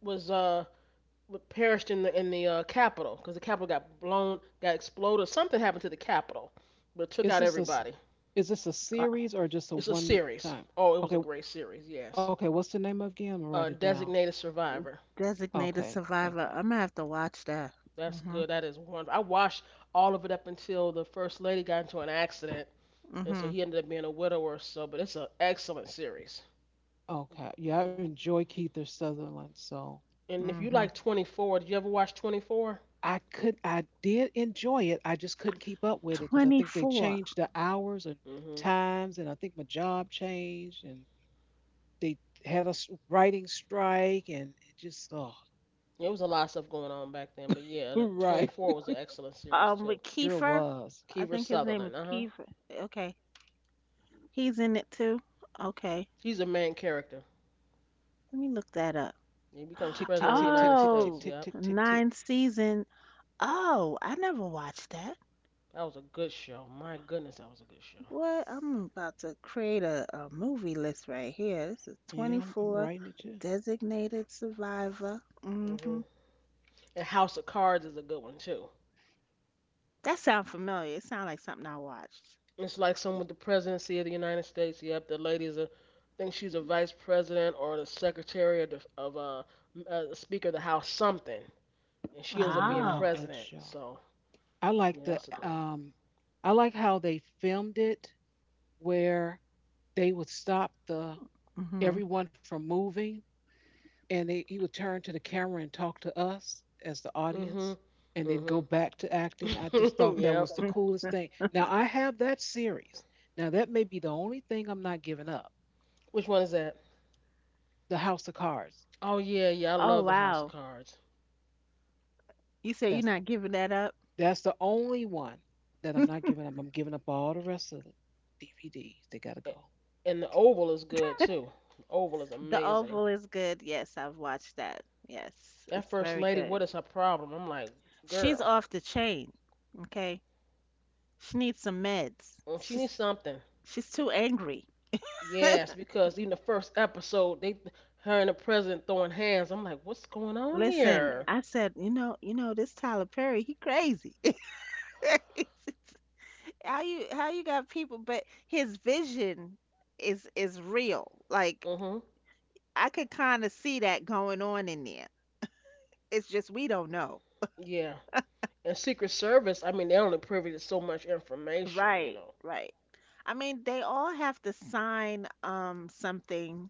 was perished in the capital because the capital got blown, got exploded. Something happened to the capital, but it took
Is
out
this a
everybody.
is this a
Uh,
series or just a
It's a
one
series.
time?
Oh, it was
Okay.
a great series. Yes.
Okay. What's the name of again? I'm gonna write it down.
Designated survivor.
Designated
Okay. Thank
Survivor.
you.
I'm gonna have to watch that.
That's
Mm-hmm.
good. That is wonderful. I watched all of it up until the first lady got into an accident, and so
Mm-hmm.
he ended up being a widower. Or So, but it's an excellent series.
Okay. Yeah, I enjoy Keitha Sutherland. So
And if you
Mm-hmm.
like 24, did you ever watch 24?
I could I did enjoy it. I just couldn't keep up with it because I think they
24.
changed the hours and
Hmm.
times, and I think my job changed, and they had a writing strike, and it just oh.
It was a lot of stuff going on back then, but yeah, the
right
24 was an excellent series too.
With
sure
Kiefer.
was.
I
Kiefer
think his name is
Sutherland, uh huh.
Kiefer. Okay, he's in it too. Okay,
He's a main character.
let me look that up.
He becomes
Tick, tick,
president of the
tick, tick,
United
tick, tick,
States.
Oh,
tick,
Yep,
tick, tick, tick.
nine season. Oh, I never watched that.
that was a good show. My goodness, that was a good show.
What? I'm about to create a movie list right here. This is
Yeah, I'm
24
writing it too.
designated survivor.
Hmm.
Hmm.
And House of Cards is a good one too.
That sounds familiar. It sounds like something I watched.
It's like someone with the presidency of the United States. Yep, the lady's a, I think she's a vice president or the secretary of the, of Speaker of the House, something, and
I
she ends up being
love
Oh.
that
president.
show.
So
I like
yeah,
the
that's a good
I like how they filmed it where they would stop the
Hmm.
everyone from moving, and they he would turn to the camera and talk to us as the
one.
audience,
Mm.
and then go
Mhm.
back to
Mm.
acting. I just
Mhm.
thought that
Yep.
was the coolest thing. Now I have that series. Now that may be the only thing I'm not giving up.
Which one is that?
The House of Cards.
Oh yeah, yeah. I
Oh
love the House of
wow.
Cards,
You say you're
That's
not giving that up?
That's the only one that I'm not giving up. I'm giving up all the rest of the DVDs. They gotta go.
and the Oval is good too. The Oval is
The
amazing.
Oval is good. Yes, I've watched that. Yes,
That
it's
First
very
Lady, what
good.
is her problem? I'm like,
She's
girl,
off the chain. Okay. She needs some meds.
mm, she
She's
needs something.
she's too angry.
Yes, because even the first episode, they, her and the president throwing hands. I'm like, what's going on
Listen,
here?
I said, this Tyler Perry, he crazy. How you got people, but his vision is real. Like
Mhm.
I could kind of see that going on in there. It's just we don't know.
Yeah. And Secret Service, I mean, they're only privy to so much information, you
Right,
know.
right. I mean, they all have to sign something,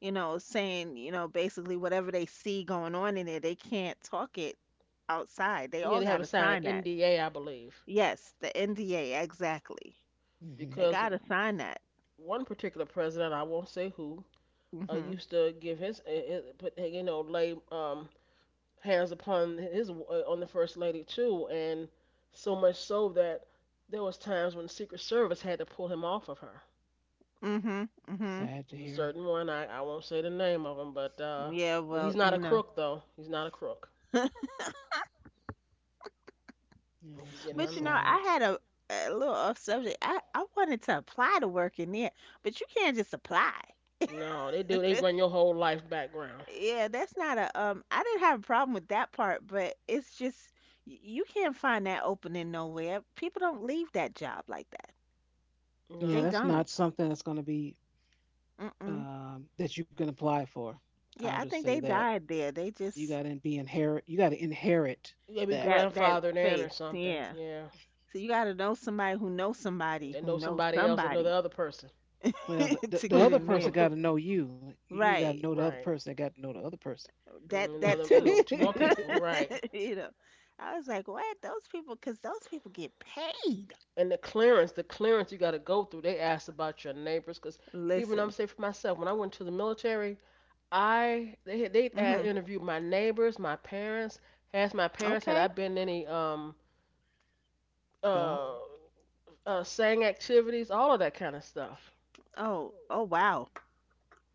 you know, saying, you know, basically whatever they see going on in there, they can't talk it outside. They
Yeah,
all
they
got
have a
to
sign an
sign that.
NDA, I believe,
Yes, the NDA, exactly.
Hmm.
They
because
got to sign that.
one particular president, I won't say who,
Mhm.
used to give his, put you know lay hands upon his on the first lady too, and so much so that there was times when Secret Service had to pull him off of her.
Mhm. Mhm.
Sad to
There's a
hear.
certain one, I won't say the name of him, but
Yeah,
you know
well,
he's not
you
a
know.
crook though. He's not a crook.
Yeah, it's
Again,
still
my,
But you know,
sad.
I had a little off subject. I wanted to apply to work in there, but you can't just apply.
no, they do. They run your whole life background.
Yeah, that's not a I didn't have a problem with that part, but it's just you can't find that opening nowhere. People don't leave that job like that.
Yeah,
They
No,
that's
don't.
not something that's gonna be
Mm-mm.
that you can apply for. I'll
Yeah, I
just say
think they
that
died there. They
you
just
gotta be inherit. You gotta inherit
you gotta be
that.
that
grandfathered in or
space.
something.
Yeah.
Yeah,
So you got to know somebody who knows somebody
they
who
know
knows
somebody else. They know the
somebody
other person.
Well,
to
the
get
other
in
person
there.
gotta know you. You ain't gotta know
Right.
the other
Right.
person. They got to know the other person.
Mm, you know
That
them, you
too.
know, to more people, right?
You know. I was like, "What? Those people cuz those people get paid."
And the clearance you got to go through. They asked about your neighbors, because even I'm
Listen.
saying for myself, when I went to the military, I they
Mhm.
had- they asked, interviewed my neighbors, my parents, asked my parents had
Okay.
I been in any
Stuff.
uh, sang activities, all of that kind of stuff.
Oh, oh wow.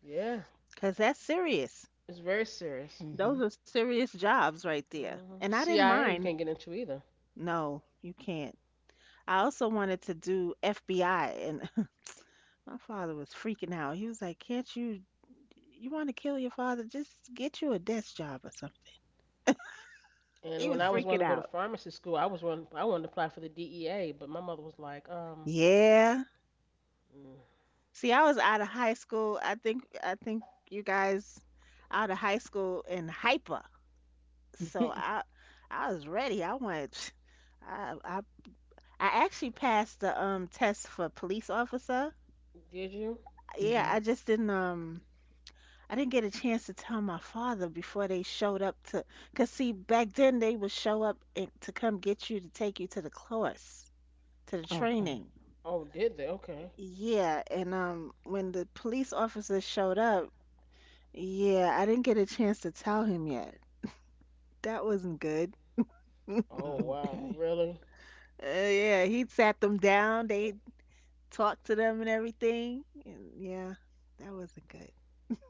Yeah,
'Cause that's serious.
it's very serious.
Those
Hmm.
are serious jobs right there.
Hmm.
And I didn't
CIA you
mind.
can't get into either.
No, you can't. I also wanted to do FBI and my father was freaking out. He was like, "Can't you you want to kill your father? Just get you a desk job or something."
And
He
when
was
I was
freaking
wanting to go to
out.
pharmacy school, I wanted to apply for the DEA, but my mother was like,
Yeah.
mm,
See, I was out of high school. I think you guys out of high school and hyper. So
Hmm.
I was ready. I wanted I I I actually passed the test for police officer.
did you?
Yeah,
Hmm.
I just didn't I didn't get a chance to tell my father before they showed up to cuz see back then they would show up and, to come get you to take you to the course, to the
Okay.
training.
Oh, did they? Okay.
Yeah, and when the police officer showed up, yeah, I didn't get a chance to tell him yet. That wasn't good.
Oh wow,
Okay.
really?
Yeah, he sat them down, they talked to them and everything. And yeah, that wasn't good.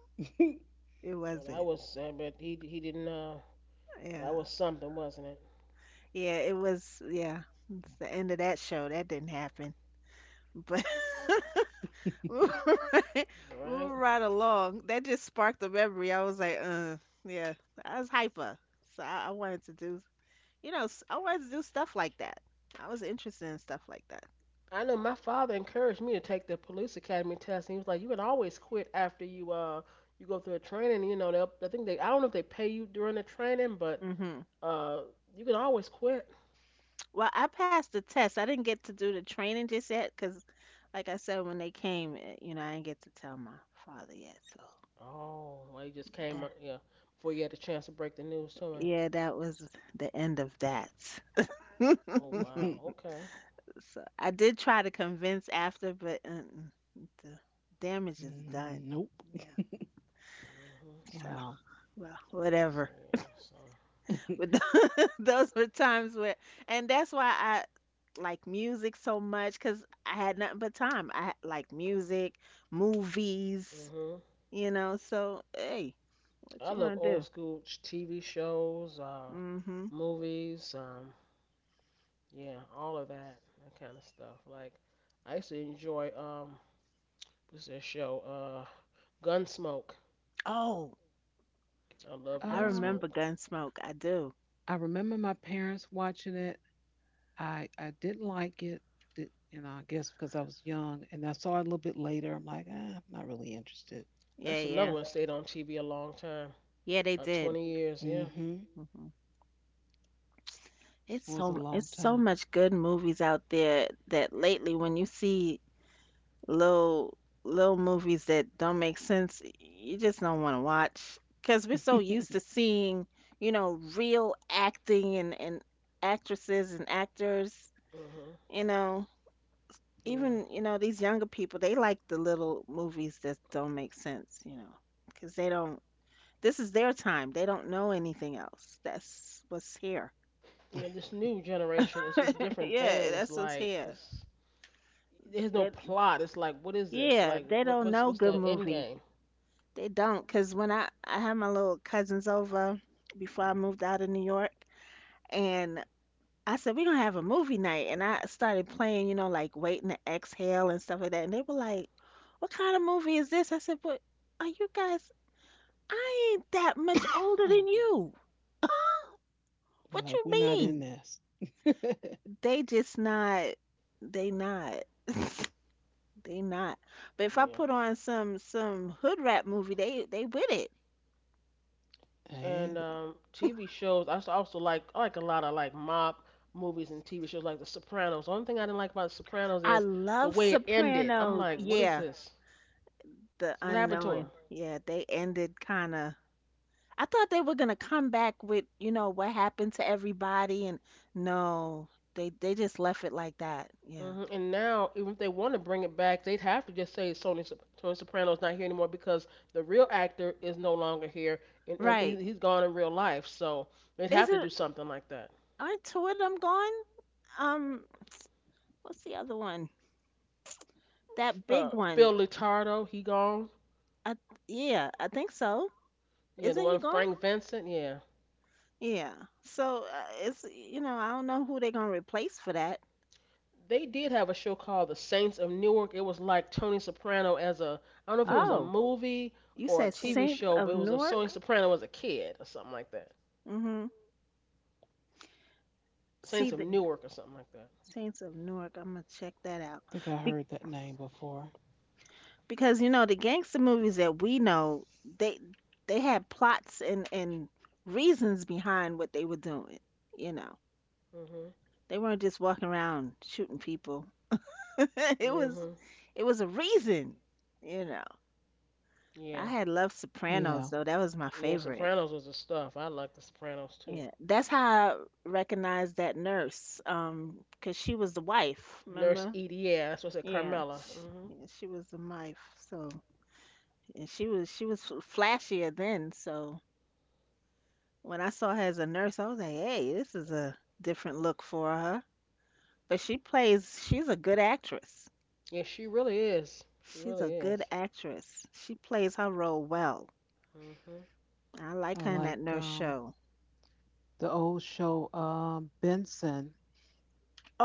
It
Well, that
wasn't.
was. I bet he didn't. That
Yeah.
was something, wasn't it?
Yeah, it was yeah. It's the end of that show. That didn't happen. But moving right, moving
Right.
right along, that just sparked a memory. I was like, yeah, I was hyper. So I wanted to do, you know, I wanted to do stuff like that. I was interested in stuff like that.
I know my father encouraged me to take the police academy test. He was like, "You can always quit after you you go through a training. You know, they'll, I think they, I don't know if they pay you during the training, but
hmm
uh, you can always quit."
Well, I passed the test. I didn't get to do the training just yet because, like I said, when they came, you know, I didn't get to tell my father yet. So
Oh, well, he just came
that,
up. Yeah, before you had the chance to break the news to him.
yeah, that was the end of that.
Oh wow.
nope.
Okay.
So I did try to convince after, but mm-mm, the damage is done. Yeah.
Mhm.
So,
Wow.
well,
So
whatever.
yeah. So.
But those were times where, and that's why I like music so much because I had nothing but time. I had- like music, movies,
Mhm.
you know. So, hey, what
I
you
love
gonna
old
do?
school TV shows,
Mm-hmm.
movies, yeah, all of that, that kind of stuff. Like, I used to enjoy, what's that show? Gunsmoke.
Oh,
I love
I
um,
remember
Gunsmoke.
Gunsmoke. I do.
I remember my parents watching it. I didn't like it, did, and I guess because I was young, and I saw it a little bit later. I'm like, ah, I'm not really interested.
Yeah,
That's another
yeah,
one that stayed on TV a long time,
yeah. They
about
did.
20 years, yeah.
Mm-hmm. It
Mm-hmm. It's
was a
so
long
it's so
time.
much good movies out there that lately when you see little little movies that don't make sense, you just don't want to watch because we're so
They're
used to seeing, you know, real acting and actresses and actors,
Mhm.
you know,
Yeah.
even, you know, these younger people, they like the little movies that don't make sense, you know, because they don't This is their time. They don't know anything else. That's what's here.
Yeah. This new generation, it's just different
Yeah,
things.
that's what's
Like,
here.
just there's no
They
plot. It's like, what is this?
Yeah,
Like,
they
what
don't
what's
know
what's
good
the end
movies.
game?
They don't, not cause when I had my little cousins over before I moved out of New York, and I said we're gonna have a movie night, and I started playing, you know, like Waiting to Exhale and stuff like that, and they were like, "What kind of movie is this?" I said, "But are you guys? I ain't that much older than you. What
like,
you
we're not in
mean?"
this.
They just not. They not. They not. But if I
Yeah.
put on some hood rap movie, they with it.
hey,
And TV shows, I s- also like, I like a lot of like mob movies and TV shows like The Sopranos. The only thing I didn't like about The Sopranos
I
is the
love
way it ended. I'm
Sopranos.
like, what is
Yeah,
this?
the
So what happened to
unknowing.
him?
Yeah, they ended kind of. I thought they were gonna come back with, you know, what happened to everybody, and no, they just left it like that. Yeah,
Hmm. And now, even if they want to bring it back, they'd have to just say Tony Soprano's not here anymore because the real actor is no longer here and, and he,
right.
he's gone in real life. So they'd
Is
have to
it?
do something like that.
Aren't two of them gone? Um, what's the other one? That big one.
Phil Letardo, he gone.
I yeah, I think so.
Yeah, the
Isn't
one
he
with
gone?
Frank Vincent. Yeah,
Yeah. So it's you know I don't know who they're gonna replace for that.
they did have a show called The Saints of Newark. It was like Tony Soprano as a, I don't know if it was
mm-hmm.
a
Oh,
movie
you
or a
said
TV
Saints
show, but
of
it was a Tony
Newark.
Soprano as a kid or something like that.
Mm-hmm. see
Saints of
the
I
Newark or something like that.
Saints of Newark. I'm gonna check that out
think I
Be-
heard that name before.
because you know the gangster movies that we know they had plots and reasons behind what they were doing. You know,
Mhm.
they weren't just walking around shooting people. it was
Mhm.
it was a reason. You know, I
Yeah.
had loved
Yeah,
Sopranos though. That was my
Yeah.
favorite.
Sopranos was the stuff. I like the Sopranos too.
Yeah, that's how I recognized that nurse, 'cause she was the wife,
Nurse
remember?
Edie. Yeah, that's what I said.
Yeah,
Carmela. Mhm.
yeah, she was the wife. So and she was flashier then. So when I saw her as a nurse, I was like, hey, this is a different look for her. But she plays. She's a good actress.
Yeah, she really is. She
She's a
really
good
is.
actress. She plays her role well.
Mhm.
I
I
like her in that
like
nurse show.
the old show Benson.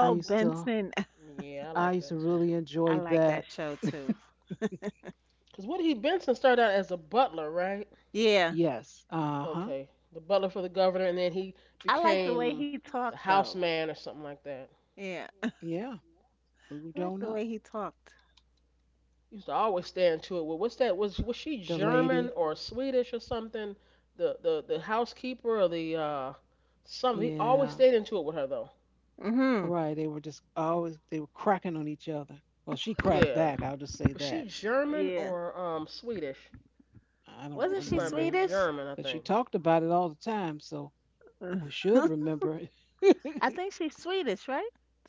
I used to
Benson,
Yeah, I
I
like
used to
that too.
really
I
enjoy
like that
that.
show too.
Cause Woody Benson started out as a butler, right?
Yeah,
Yes. Uh huh.
Okay, the butler for the governor, and then he
I like the way
became
he
the
talked though.
house man or something like that.
Yeah,
Yeah.
I
Moved
like
on
the way
up.
he talked.
He used to always stand to it. Well, what's that? Was she
The
German
lady.
or Swedish or something? The housekeeper or the something. He always
Yeah.
stayed into it with her though.
Mhm.
Right. They were just always, they were cracking on each other. Well, she cracked
Yeah,
back. I'll just say
was she
that.
German
Yeah.
or Swedish?
I don't
I think
Wasn't
she
she
might have
remember.
been
Swedish?
German.
But
I
she
think
talked about it all the time. So we
I
should remember
think
it.
she's Swedish, right?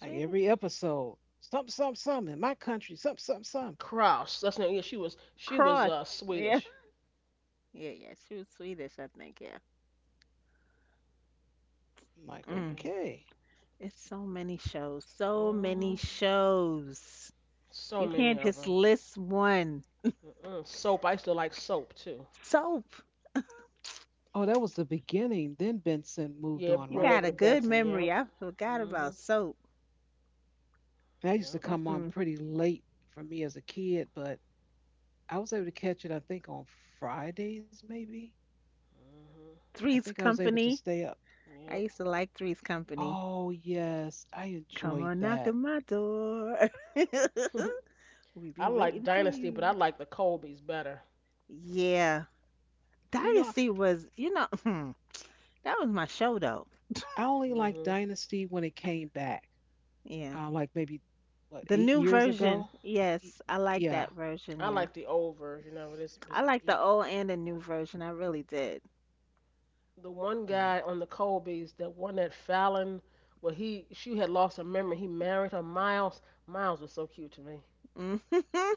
like every episode. Some in my country. Some, some.
Kraus. That's not. Yeah, she was she was
Cross.
uh
Yeah.
Swedish.
Yeah, yeah, she was Swedish, I think. Yeah.
I'm like,
Mm,
Yeah.
okay.
it's so many shows, so many
Mhm.
shows.
So
You
many
can't
of
just
them.
list one.
Mm-mm. Soap. I used to like soap too.
Soap.
Oh, that was the beginning. Then Benson moved
Yeah,
on,
it
You
brought
right?
got
over
a
to
good
Benson.
memory.
Yep.
I forgot about
Mhm.
soap.
And that used to
Yep.
come on
Mm
pretty late for me as a kid, but I was able to catch it, I think, on Fridays, maybe.
Mhm.
I
Three's
think I was able to
Company.
stay up.
I
Yep.
used to like Three's Company.
Oh, yes, I
Come
enjoyed
on, knock
that.
on my door. We
I
be
like
waiting for
Dynasty, but I
you.
like the Colbys better.
Yeah.
You know,
Dynasty was, you know, that was my show though.
I only liked
Mhm.
Dynasty when it came back,
Yeah.
like maybe, what,
The
eight
new
years
version.
ago? Y-
Yes, I like
Yeah,
that version.
I
Yeah.
like the old version of it. It's,
I
it's
like
yeah.
the old and the new version. I really did.
The one
yeah.
guy on the Colbys, that one that Fallon, well he she had lost her memory. He married her. Miles. Miles was so cute to me,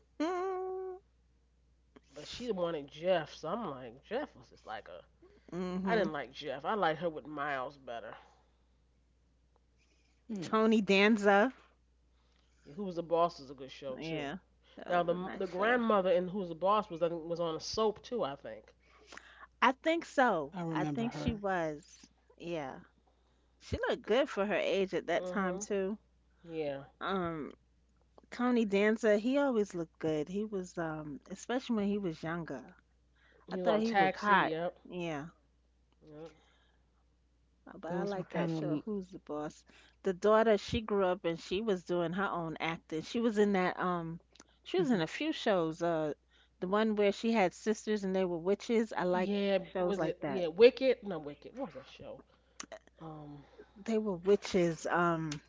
but she wanted Jeff. So I'm like, Jeff was just like a.
Mm-hmm.
I
hmm.
didn't like Jeff. I liked her with Miles better.
Hmm.
Tony Danza.
Yeah, who was the boss is a good show too.
Yeah, that
Now the
was a
m- the
nice show.
grandmother and who's the boss was I think, was on a soap too. I think.
I think
I
so. I
remember
think she
her.
was. Yeah, she looked
C-
good for her age at that time
Mhm.
too.
Yeah.
Um, Tony Danza, he always looked good. He was especially when he was younger. I
He was
thought
on
he was
Taxi.
hot.
Yep.
Yeah,
Yep.
Oh, But I
Those were
like that
kind
show,
of.
Who's the Boss? The daughter, she grew up and she was doing her own acting. She was in that she was in
Mm-hmm.
a few shows. The one where she had sisters and they were witches. I like
Yeah.
shows
Was
like
it?
that.
Yeah. Wicked. No, Wicked. What was that show? Um,
They were witches.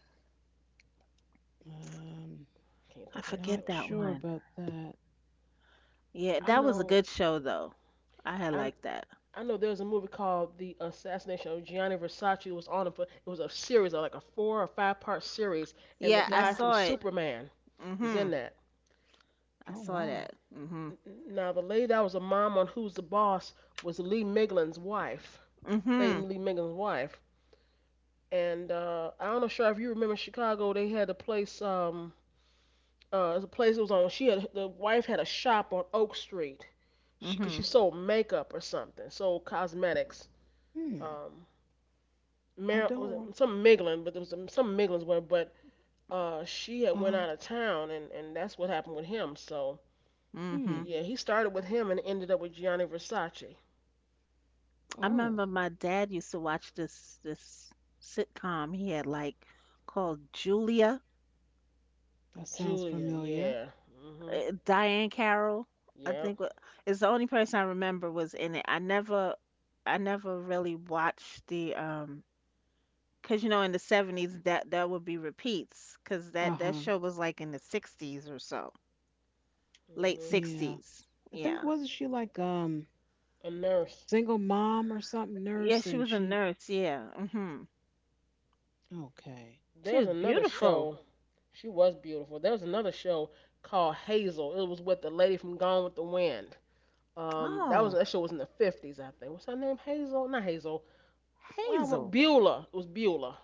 Um,
can't
I
think of that
forget
not
show
that
either.
sure
one.
about that.
Yeah,
I
that was a
know.
good show though. I had
I
liked that.
I know there was a movie called The Assassination of Gianni Versace. It was on a, it was a series, like a four or five-part series, and the
Yeah, I
guy
Hmm.
from
saw it.
Superman was in
Mhm.
that.
I
Oh,
saw that.
wow.
Mhm.
Now the lady that was a mom on Who's the Boss was Lee Miglin's wife. Played
Mhm.
Lee Miglin's wife. And I'm not sure if you remember Chicago. They had a place. It was a place it was on. She had the wife had a shop on Oak Street. She, cause she
Mhm.
sold makeup or something, sold cosmetics.
Hmm.
Um,
I
Was
don't.
it some Miglin, but there was some Miglins were, but she had went
Uh,
out of town, and that's what happened with him. So, but
Hmm.
Mhm.
yeah, he started with him and ended up with Gianni Versace.
I
Oh,
remember my dad used to watch this sitcom he had like called Julia,
that sounds
Julia,
familiar.
yeah, mhm,
Diane Carroll, I
yep,
think is the only person I remember was in it. I never really watched the because you know in the 70s that that would be repeats because
Uh
that that
huh.
show was like in the 60s or so, late
mhm,
Yeah.
60s.
I think
Yeah.
wasn't she like
a nurse.
single mom or something
Yeah,
nurse
she
and
was a
she
nurse, yeah. Mhm.
okay.
There
She
was
was
another
beautiful.
show. She was beautiful. There was another show called Hazel. It was with the lady from Gone with the Wind. That was
Oh,
that show was in the 50s, I think. What's her name? Hazel? Not Hazel. What I want?
Hazel.
Beulah. It was Beulah.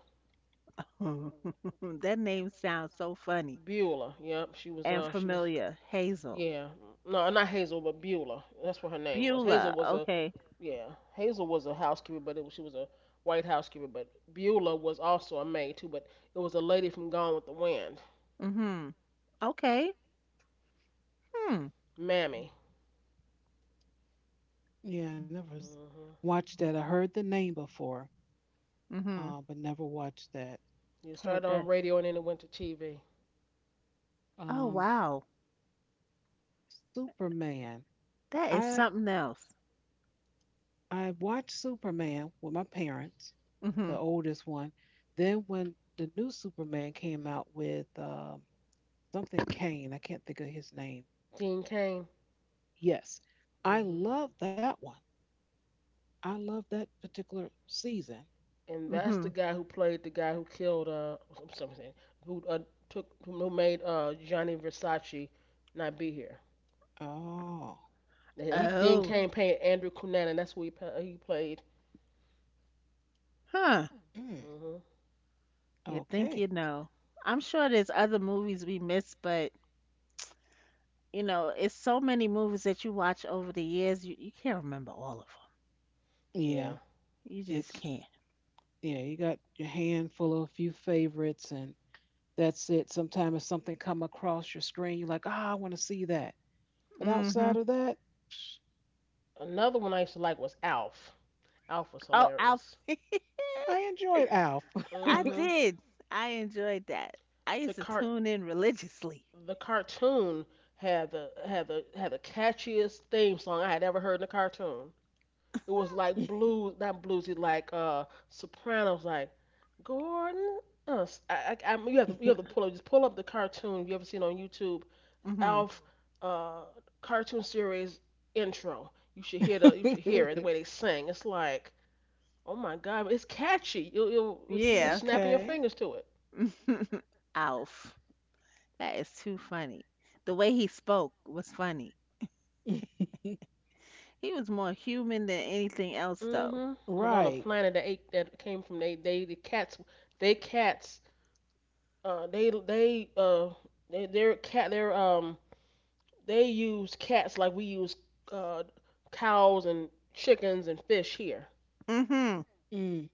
Hmm. That name sounds so funny
Beulah. Yep. She was.
and
She was.
familiar. Hazel.
Yeah. No, not Hazel, but Beulah. That's what her name was. Hazel
Beulah.
was a.
Okay.
Yeah. Hazel was a housekeeper, but it was, she was a white housekeeper. But Beulah was also a maid too. But it was a lady from Gone with the Wind.
Mhm. Okay. Hmm.
Mammy.
Yeah, I never
Hmm.
watched that. I heard the name before,
Mhm.
but never watched that.
You
Heard
started on
that.
radio and then it went to TV.
Oh
Um,
wow.
Superman.
That is
I
something else.
I watched Superman with my parents, the
Mhm.
oldest one. Then when the new Superman came out with something Kane, I can't think of his name.
Dean Cain.
Yes. I
Hmm.
love that one. I love that particular season.
And that's the
Mhm.
guy who played the guy who killed something who took who made Johnny Versace not be here.
Oh,
He then
Oh.
came playing Andrew Cunanan. And that's who he played.
Huh.
Mm.
Hmm.
You think you
Okay.
know. I'm sure there's other movies we miss, but you know, it's so many movies that you watch over the years, you can't remember all of them.
Yeah.
Yeah.
You just
It's,
can't.
yeah, you got your handful of a few favorites, and that's it. Sometimes if something come across your screen, you're like, ah, I want to see that. But outside
Mhm.
of that, psh,
Another one I used to like was Alf. Alf was
Oh, Alf.
hilarious.
I enjoyed Alf.
I
Hmm.
did. I enjoyed that. I
The
used to
cart
tune in religiously.
the cartoon had the catchiest theme song I had ever heard in a cartoon. It was like blues, not bluesy, like Sopranos, like Gordon. You have to you have to pull up just pull up the cartoon if you ever seen on YouTube
Hmm
Alf uh cartoon series intro. You should hear it the way they sing. It's like oh my god, it's catchy. You'll be
Yeah.
snapping your
okay.
fingers to it.
Alf. That is too funny. The way he spoke was funny. He was more human than anything else, though.
Mhm. It was on a
right.
planet that ate that came from they the cats uh they they uh they cat they use cats like we use uh cows and chickens and fish here.
Hmm
Mm.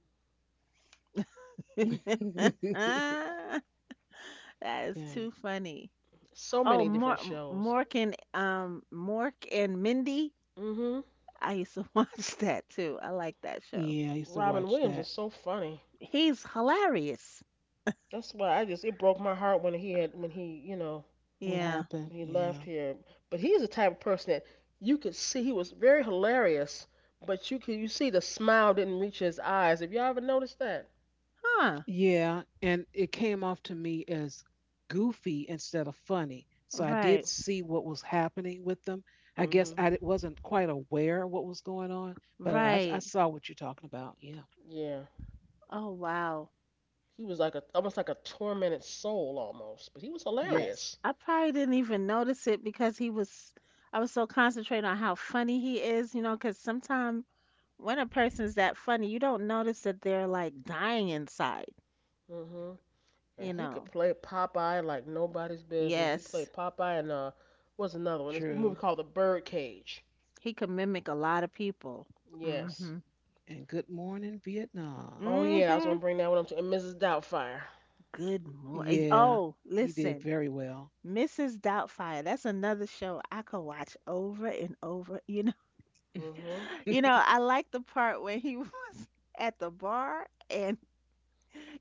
that is too
Dang.
funny.
So
Oh,
many different shows.
Mork and Mork and Mindy.
Mhm.
I used to watch that too. I like that show.
Yeah, I used to
Robin
watch
Williams was
that.
so funny.
He's hilarious.
That's why I just it broke my heart when he had when he
What
Yeah.
when
happened?
he left
Yeah.
here. But he's the type of person that you could see he was very hilarious, but you see the smile didn't reach his eyes. Have y'all ever noticed that?
Huh.
Yeah, and it came off to me as goofy instead of funny. So I did
Right.
see what was happening with them. I guess
Mhm.
wasn't quite aware of what was going on, but I
Right.
saw what you're talking about. Yeah.
Yeah.
Oh, wow.
He was like a almost like a tormented soul almost, but he was
I,
Yes.
hilarious.
I probably didn't even notice it because I was so concentrated on how funny he is, you know, because sometimes when a person's that funny, you don't notice that they're like dying inside,
Mhm. And
you
he could
know.
play Popeye like nobody's business. He
Yes,
played Popeye and what's another one? This movie
True.
called The Birdcage.
he can mimic a lot of people.
Yes.
Mm-hmm.
And good morning, Vietnam.
Oh yeah, I was
Mm-hmm.
gonna bring that one up to and Mrs. Doubtfire.
Good morning.
Yeah,
Oh,
he did
listen,
very well.
Mrs. Doubtfire. That's another show I could watch over and over. You know,
Hmm.
you know, I like the part when he was at the bar and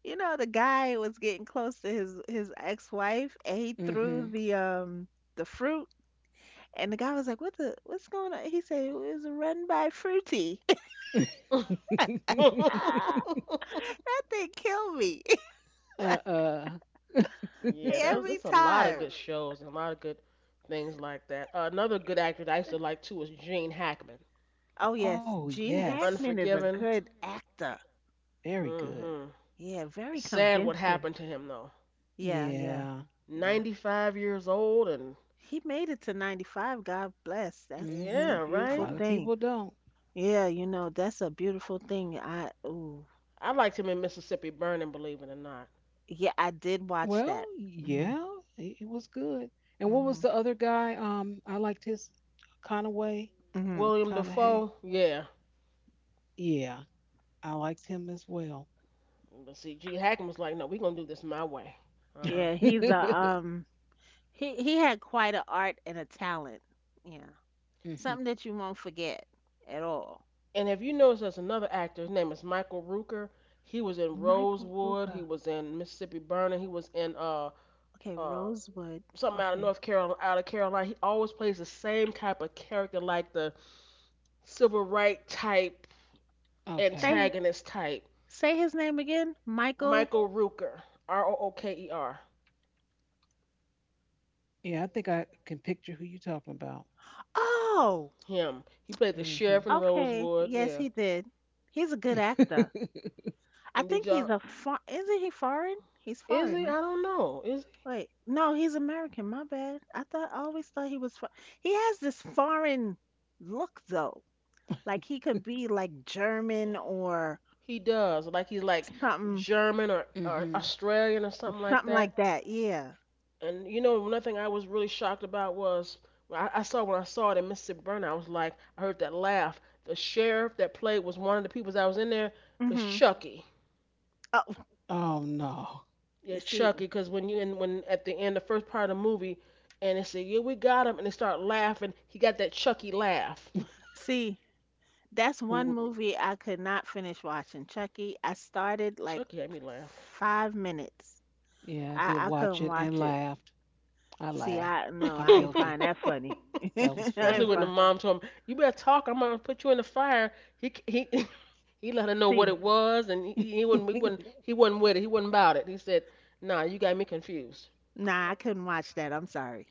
You know, the guy was getting close to his ex-wife and he threw
Mm-hmm.
the fruit and the guy was like, "What the what's going on?" He said, "It was a run by fruity." Ah, that thing killed me
uh-uh.
yeah, that was
every
that's a lot of
time.
good shows and a lot of good things like that. Another good actor that I used to like too was Gene Hackman.
Oh
oh,
yes, Gene
Is it
yes.
Hackman is a
Unforgiven?
good actor.
Very good.
Hmm.
Yeah, very
Sad what
convincing.
happened to him though.
Yeah, yeah,
Yeah.
yeah.
95 years old and
He made it to 95. God bless. That's a
yeah,
Hmm. A
beautiful
right?
lot of
thing.
people don't.
Yeah, you know, that's a beautiful thing. I ooh,
I liked him in Mississippi Burning, believe it or not.
Yeah, I did watch
Well,
that. Hmm
yeah, it was good. And what
hmm
was the other guy? I liked his Conaway,
hmm
William
Conahay.
Defoe, yeah.
Yeah, I liked him as well.
But see, Gene Hackman was like, no, we're gonna do this my way. Uh huh.
Yeah,
hmm
he's a he had quite an art and a talent. Yeah. Something that you won't forget at all.
And if you notice, there's another actor. His name is Michael Rooker. He was in
Michael
Rosewood. He
Rooker.
was in Mississippi Burning. He was in
Okay,
uh
Rosewood.
something out of
Okay.
North Carolina. Out of Carolina, he always plays the same type of character, like the civil right type
Okay.
Say
antagonist type.
say his name again. Michael.
Michael Rooker, R O O K E R.
Yeah, I think I can picture who you're talking about.
Oh,
Him. He played the
Hmm.
sheriff in
okay.
Rosewood.
Yes,
Yeah.
he did. He's a good actor. I
And did
think he's
y'all?
a isn't he foreign? He's
Is
foreign,
he?
right?
I don't know. Is
Wait, no, he's American. My bad. I thought I always thought he was. Fo- He has this foreign look though. Like he could be like German or
he? He does. Like he's like
something,
German or
hmm
Australian or something like
something
that.
like that. Yeah.
And you know, one thing I was really shocked about was when I saw it in Mississippi Burning. I was like, I heard that laugh. The sheriff that played was one of the people that was in there was
Mhm.
Chucky.
Oh,
Oh no.
you
Yeah,
see,
Chucky. Because when you and when at the end, the first part of the movie, and they said, "Yeah, we got him," and they start laughing. He got that Chucky laugh.
see, that's one
W-
movie I could not finish watching. Chucky. I started like
Chucky had me laugh.
5 minutes.
Yeah, I did
I
watch
couldn't
it and
watch it.
laughed. I
See,
laughed.
I no, I
I'm
ain't find
guilty.
that funny. I
That was
Especially
ain't
funny.
when the
find.
mom told him, "You better talk. I'm gonna put you in the fire." He he let her know what
See,
it was, and he wouldn't. We wouldn't. He wasn't with it. He wasn't about it. He said, "Nah, you got me confused."
nah, I couldn't watch that. I'm sorry.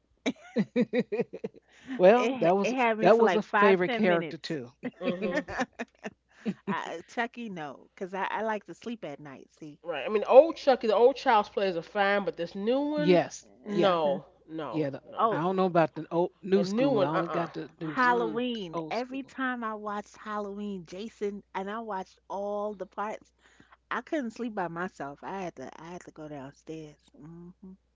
It
well,
it had me
that
for
was
like
a
five,
favorite
ten
character
minutes.
too.
Hmm.
Chucky, no, because I like to sleep at night. See.
Right. I mean, old Chucky, the old Child's plays are fine, but this new one,
Yes, yeah,
Mhm.
no, no,
yeah. The,
no, no,
I
Oh,
no,
don't know
no.
about the old,
The
new
new
school. I
one,
only
uh-uh,
got the new
mm-mm.
the
Halloween.
old
Every
school.
time I watched Halloween, Jason, and I watched all the parts, I couldn't sleep by myself. I had to go downstairs. Hmm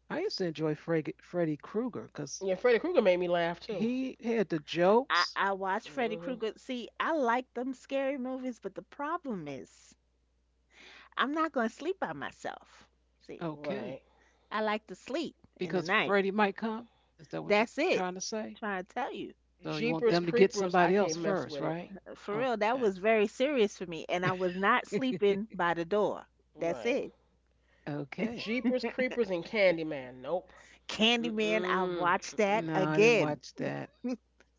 I used to enjoy Fred, Freddy Krueger because
Yeah, Freddy Krueger made me laugh too.
he had the jokes.
I watched Freddy
Mm, hmm.
Krueger. See, I like them scary movies, but the problem is I'm not going to sleep by myself. See,
Right.
Okay,
I like to sleep in the
because
night.
Freddy might come. Is that what you're
That's it.
trying to say?
Trying to tell you.
So you want
Jeepers
them to get
Creepers, I
somebody else
can't mess
first,
with it.
right?
For real,
Okay.
that was very serious for me. And I was not sleeping by the door. That's
Right.
it.
okay.
Jeepers Creepers and Candyman, nope.
Candyman, I
Mm-mm,
watched that
mm-mm.
No, I didn't
again,
watch that.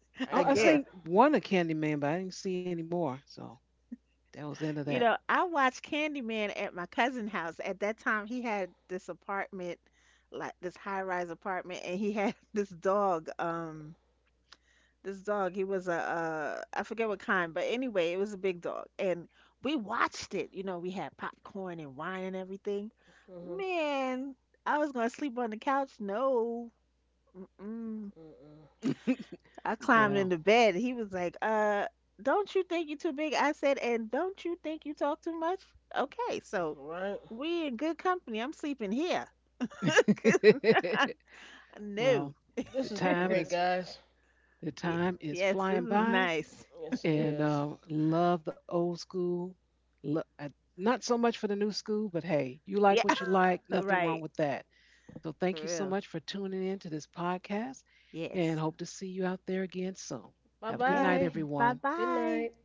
I
I
again.
cannot.
seen one of Candyman, but I didn't see any more. So that was the end of
You
that.
know, I watched Candyman at my cousin's house. At that time, he had this apartment, like this high-rise apartment, and he had this dog. This dog. He was a, I forget what kind, but anyway, it was a big dog, and we watched it. You know, we had popcorn and wine and everything.
Mm,
Man, I was gonna sleep on the couch. No, Mm-mm.
hmm. Mm-mm.
I climbed
well,
into bed. He was like, don't you think you're too big?" I said, "And don't you think you talk too much?" Okay, so
Right.
we in good company. I'm sleeping here. No.
well,
This
the
has been
time
great,
is
guys.
the
Y-
time is
Yes, this
flying
is
by,
nice.
Yes, it
and
is.
love the old school. Lo- I- Not so much for the new school, but hey, you
Yeah,
like what you like. Nothing wrong
right.
with that. So thank
For
you so
real.
much for tuning in to this podcast, and
Yes.
hope to see you out there again soon.
Bye
Have a good
Yes.
night,
bye.
Bye
everyone.
Good
bye.
night.